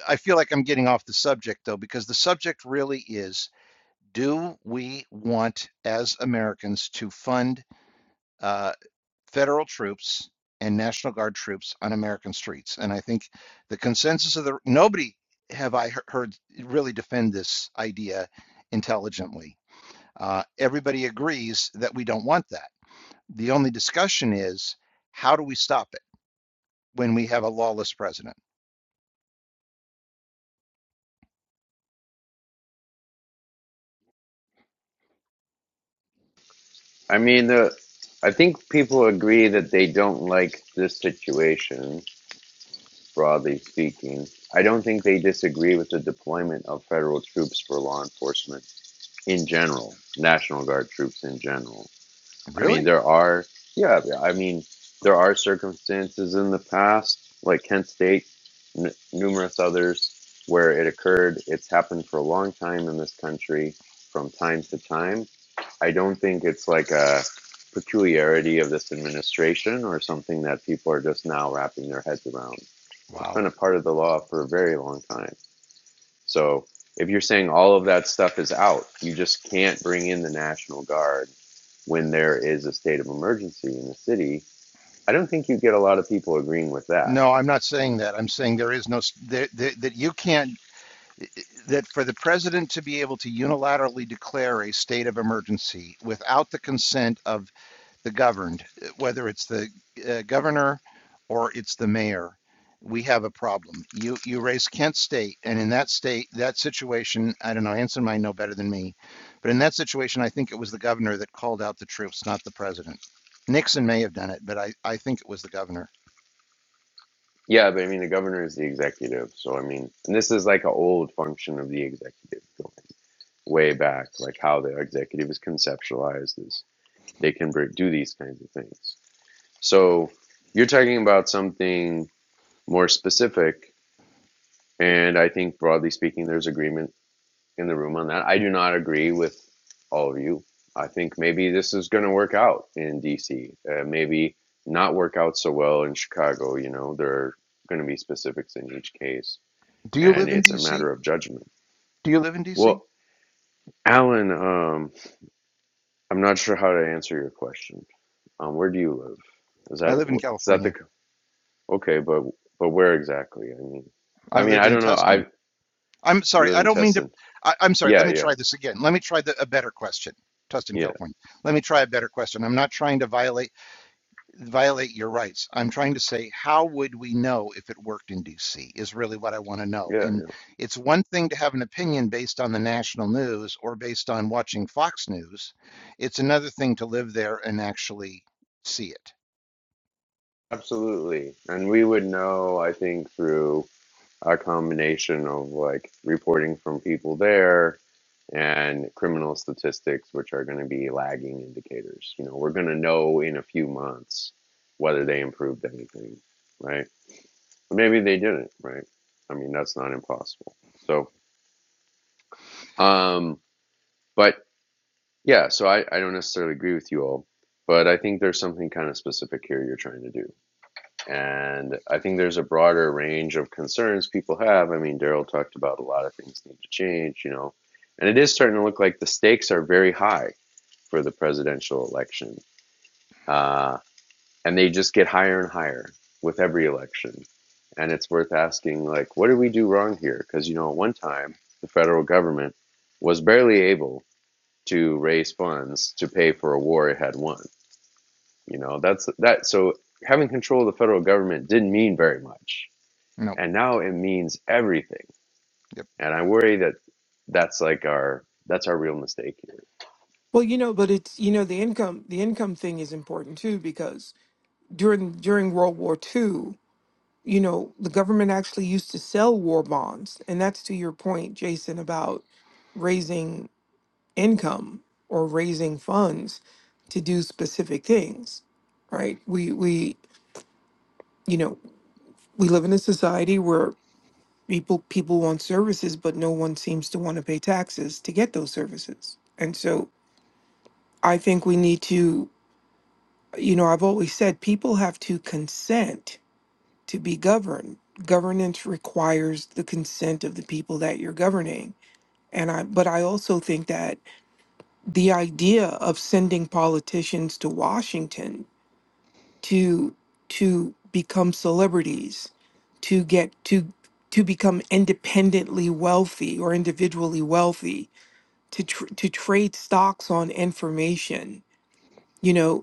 I feel like I'm getting off the subject though, because the subject really is do we want as Americans to fund uh, federal troops and National Guard troops on American streets? And I think the consensus of the nobody have I heard really defend this idea intelligently. Uh, everybody agrees that we don't want that. The only discussion is how do we stop it when we have a lawless president? I mean, the I think people agree that they don't like this situation, broadly speaking. I don't think they disagree with the deployment of federal troops for law enforcement in general, National Guard troops in general. I mean, Really? there are, yeah, yeah, I mean, there are circumstances in the past, like Kent State, n- numerous others, where it occurred. It's happened for a long time in this country from time to time. I don't think it's like a peculiarity of this administration or something that people are just now wrapping their heads around. It's Wow. been a part of the law for a very long time. So if you're saying all of that stuff is out, you just can't bring in the National Guard when there is a state of emergency in the city. I don't think you get a lot of people agreeing with that. No, I'm not saying that. I'm saying there is no s- that that, that you can't that for the president to be able to unilaterally declare a state of emergency without the consent of the governed, eh, whether it's the uh, governor or it's the mayor, we have a problem. You you raise Kent State, and in that state, that situation, I don't know, Anson might know better than me, but in that situation, I think it was the governor that called out the troops, not the president. Nixon may have done it, but I, I think it was the governor. Yeah, but I mean, the governor is the executive. So, I mean, and this is like an old function of the executive going way back, like how the executive is conceptualized is they can br- do these kinds of things. So, you're talking about something more specific. And I think broadly speaking, there's agreement in the room on that. I do not agree with all of you. I think maybe this is going to work out in DC. Uh, maybe not work out so well in Chicago. You know, there are going to be specifics in each case, Do you and live in it's a DC? matter of judgment. Do you live in DC? Well, Alan, um, I'm not sure how to answer your question. Um, where do you live? Is I that live in is that the California. okay? But but where exactly? I mean, I I mean, live I in don't know. Tustin. I I'm you sorry. live I in don't mean to. Tustin. I, I'm sorry. Yeah, Let me yeah, try this again. Let me try the, a better question. Tustin, yeah, California. Let me try a better question. I'm not trying to violate violate your rights. I'm trying to say how would we know if it worked in DC is really what I want to know. yeah, And yeah. it's one thing to have an opinion based on the national news or based on watching Fox News. It's another thing to live there and actually see it. Absolutely. And we would know, I think, through a combination of like reporting from people there and criminal statistics, which are going to be lagging indicators. You know, we're going to know in a few months whether they improved anything, right? Or maybe they didn't, right? I mean, that's not impossible. So, um, but yeah, so I, I don't necessarily agree with you all, but I think there's something kind of specific here you're trying to do. And I think there's a broader range of concerns people have. I mean, Daryl talked about a lot of things need to change, you know, and it is starting to look like the stakes are very high for the presidential election. Uh, and they just get higher and higher with every election. And it's worth asking, like, what did we do wrong here? Because, you know, at one time, the federal government was barely able to raise funds to pay for a war it had won. You know, that's that. So having control of the federal government didn't mean very much No. and now it means everything and i worry that that's like our that's our real mistake here Well, you know, but it's you know the income the income thing is important too because during during World War II, you know, the government actually used to sell war bonds, and that's to your point, Jason, about raising income or raising funds to do specific things, right? We we you know we live in a society where people people want services, but no one seems to want to pay taxes to get those services, and so I think we need to. you know, I've always said people have to consent to be governed. Governance requires the consent of the people that you're governing. And I, but I also think that the idea of sending politicians to Washington to to become celebrities, to get to to become independently wealthy or individually wealthy, to tr- to trade stocks on information, you know,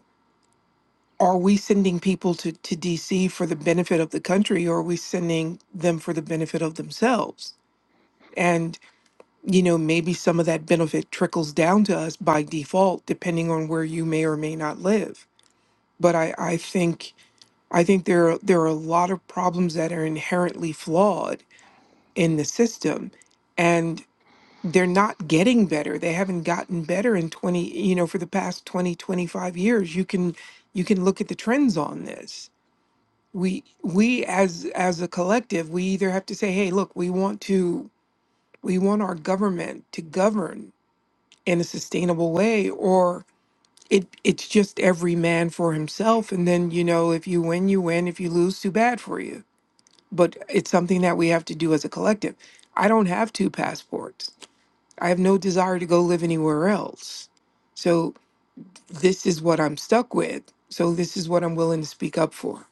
are we sending people to, to DC for the benefit of the country or are we sending them for the benefit of themselves? And, you know, maybe some of that benefit trickles down to us by default, depending on where you may or may not live. But I, I think I think there are there are a lot of problems that are inherently flawed in the system and they're not getting better. They haven't gotten better in 20, you know, for the past 20 25 years. You can you can look at the trends on this we we as as a collective we either have to say hey look we want to we want our government to govern in a sustainable way or it it's just every man for himself and then you know if you win you win if you lose too bad for you but it's something that we have to do as a collective i don't have two passports i have no desire to go live anywhere else so this is what i'm stuck with so this is what i'm willing to speak up for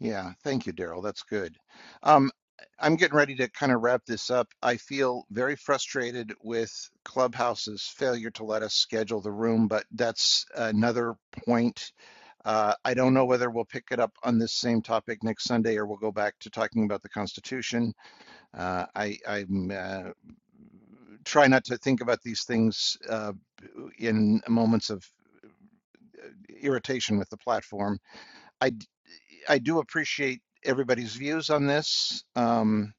Yeah, thank you, Daryl. That's good. Um, I'm getting ready to kind of wrap this up. I feel very frustrated with Clubhouse's failure to let us schedule the room, but that's another point. Uh, I don't know whether we'll pick it up on this same topic next Sunday or we'll go back to talking about the Constitution. Uh, I I'm, uh, try not to think about these things uh, in moments of uh, irritation with the platform. I I do appreciate everybody's views on this. Um,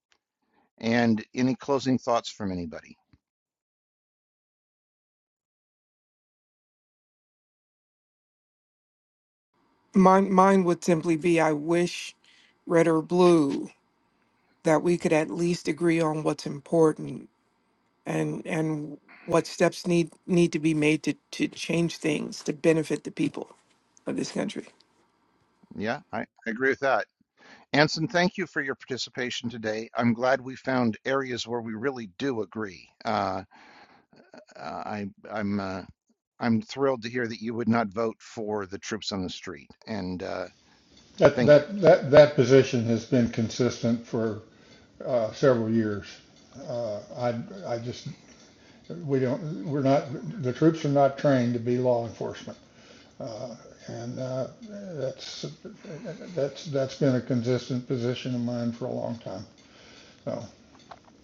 and any closing thoughts from anybody? Mine, mine would simply be I wish, red or blue, that we could at least agree on what's important and and what steps need need to be made to to change things to benefit the people of this country. Yeah, I, I agree with that. Anson, thank you for your participation today. I'm glad we found areas where we really do agree. Uh, uh, I, I'm uh, I'm thrilled to hear that you would not vote for the troops on the street. And uh, That, thank you. that, that, that position has been consistent for uh, several years. Uh, I, I just, we don't, we're not, the troops are not trained to be law enforcement. Uh, and uh, that's, that's, that's been a consistent position of mine for a long time. So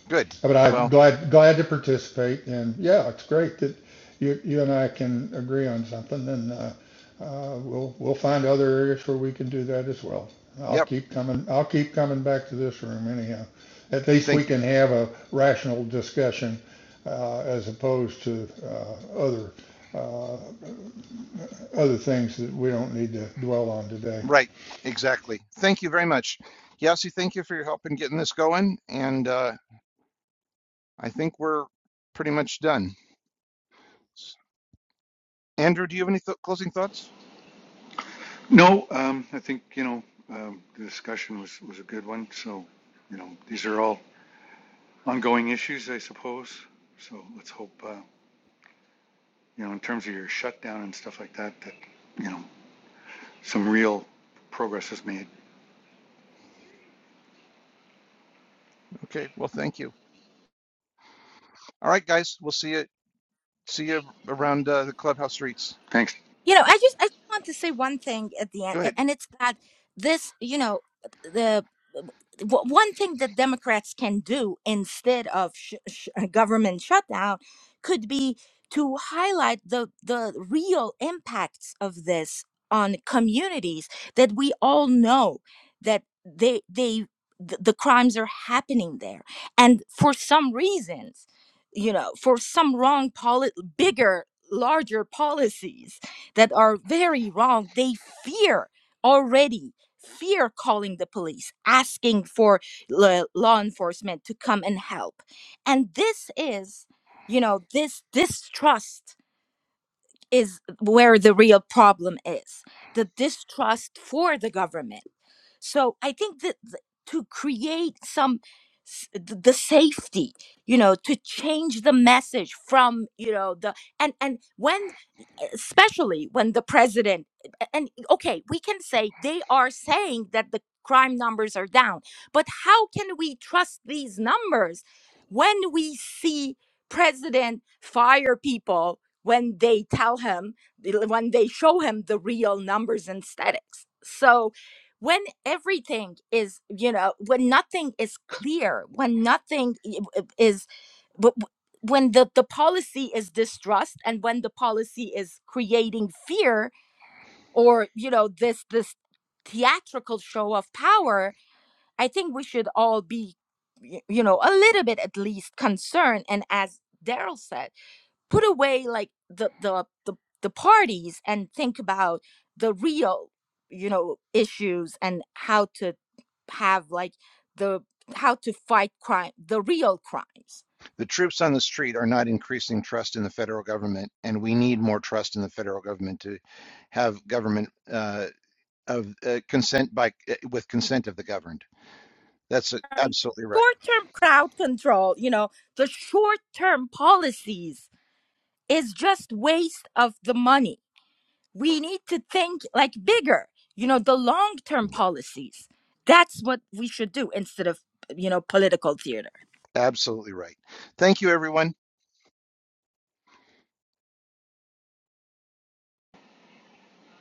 Good. But I'm Well, glad glad to participate, and yeah, it's great that you you and I can agree on something, and uh, uh, we'll we'll find other areas where we can do that as well. I'll yep. keep coming I'll keep coming back to this room anyhow. At least we Thank you. can have a rational discussion uh, as opposed to uh, other uh, other things that we don't need to dwell on today. Right. Exactly. Thank you very much. Yasi, thank you for your help in getting this going. And uh, I think we're pretty much done. Andrew, do you have any th closing thoughts? No, um, I think, you know, um, the discussion was, was a good one. So, you know, these are all ongoing issues, I suppose. So let's hope, uh, you know, in terms of your shutdown and stuff like that, that, you know, some real progress is made. Okay, well, thank you. All right, guys, we'll see you see you around uh, the clubhouse streets. Thanks. You know, I just I just want to say one thing at the end, Go ahead. a- and it's that this, you know, the w- one thing that Democrats can do instead of sh- sh- a government shutdown could be to highlight the the real impacts of this on communities that we all know that they they th- the crimes are happening there and for some reasons you know for some wrong poli- bigger larger policies that are very wrong, they fear already, fear calling the police, asking for la- law enforcement to come and help. And this is, you know, this distrust is where the real problem is the distrust for the government. So I think that th- to create some s- th- the safety you know to change the message from you know the and and when especially when the president and okay we can say they are saying that the crime numbers are down but how can we trust these numbers when we see president fire people when they tell him when they show him the real numbers and statics so when everything is you know when nothing is clear when nothing i- i- is but w- when the, the policy is distrust and when the policy is creating fear or you know this this theatrical show of power i think we should all be y- you know a little bit at least concerned and as daryl said put away like the the the, the parties and think about the real you know issues and how to have like the how to fight crime the real crimes The troops on the street are not increasing trust in the federal government, and we need more trust in the federal government to have government uh, of uh, consent by uh, with consent of the governed. That's it. absolutely right. short term crowd control you know the short term policies is just waste of the money. We need to think like bigger, you know, the long term Yep. policies. That's what we should do instead of, you know, political theater. Absolutely right. Thank you, everyone.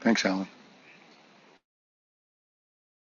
Thanks, Alan.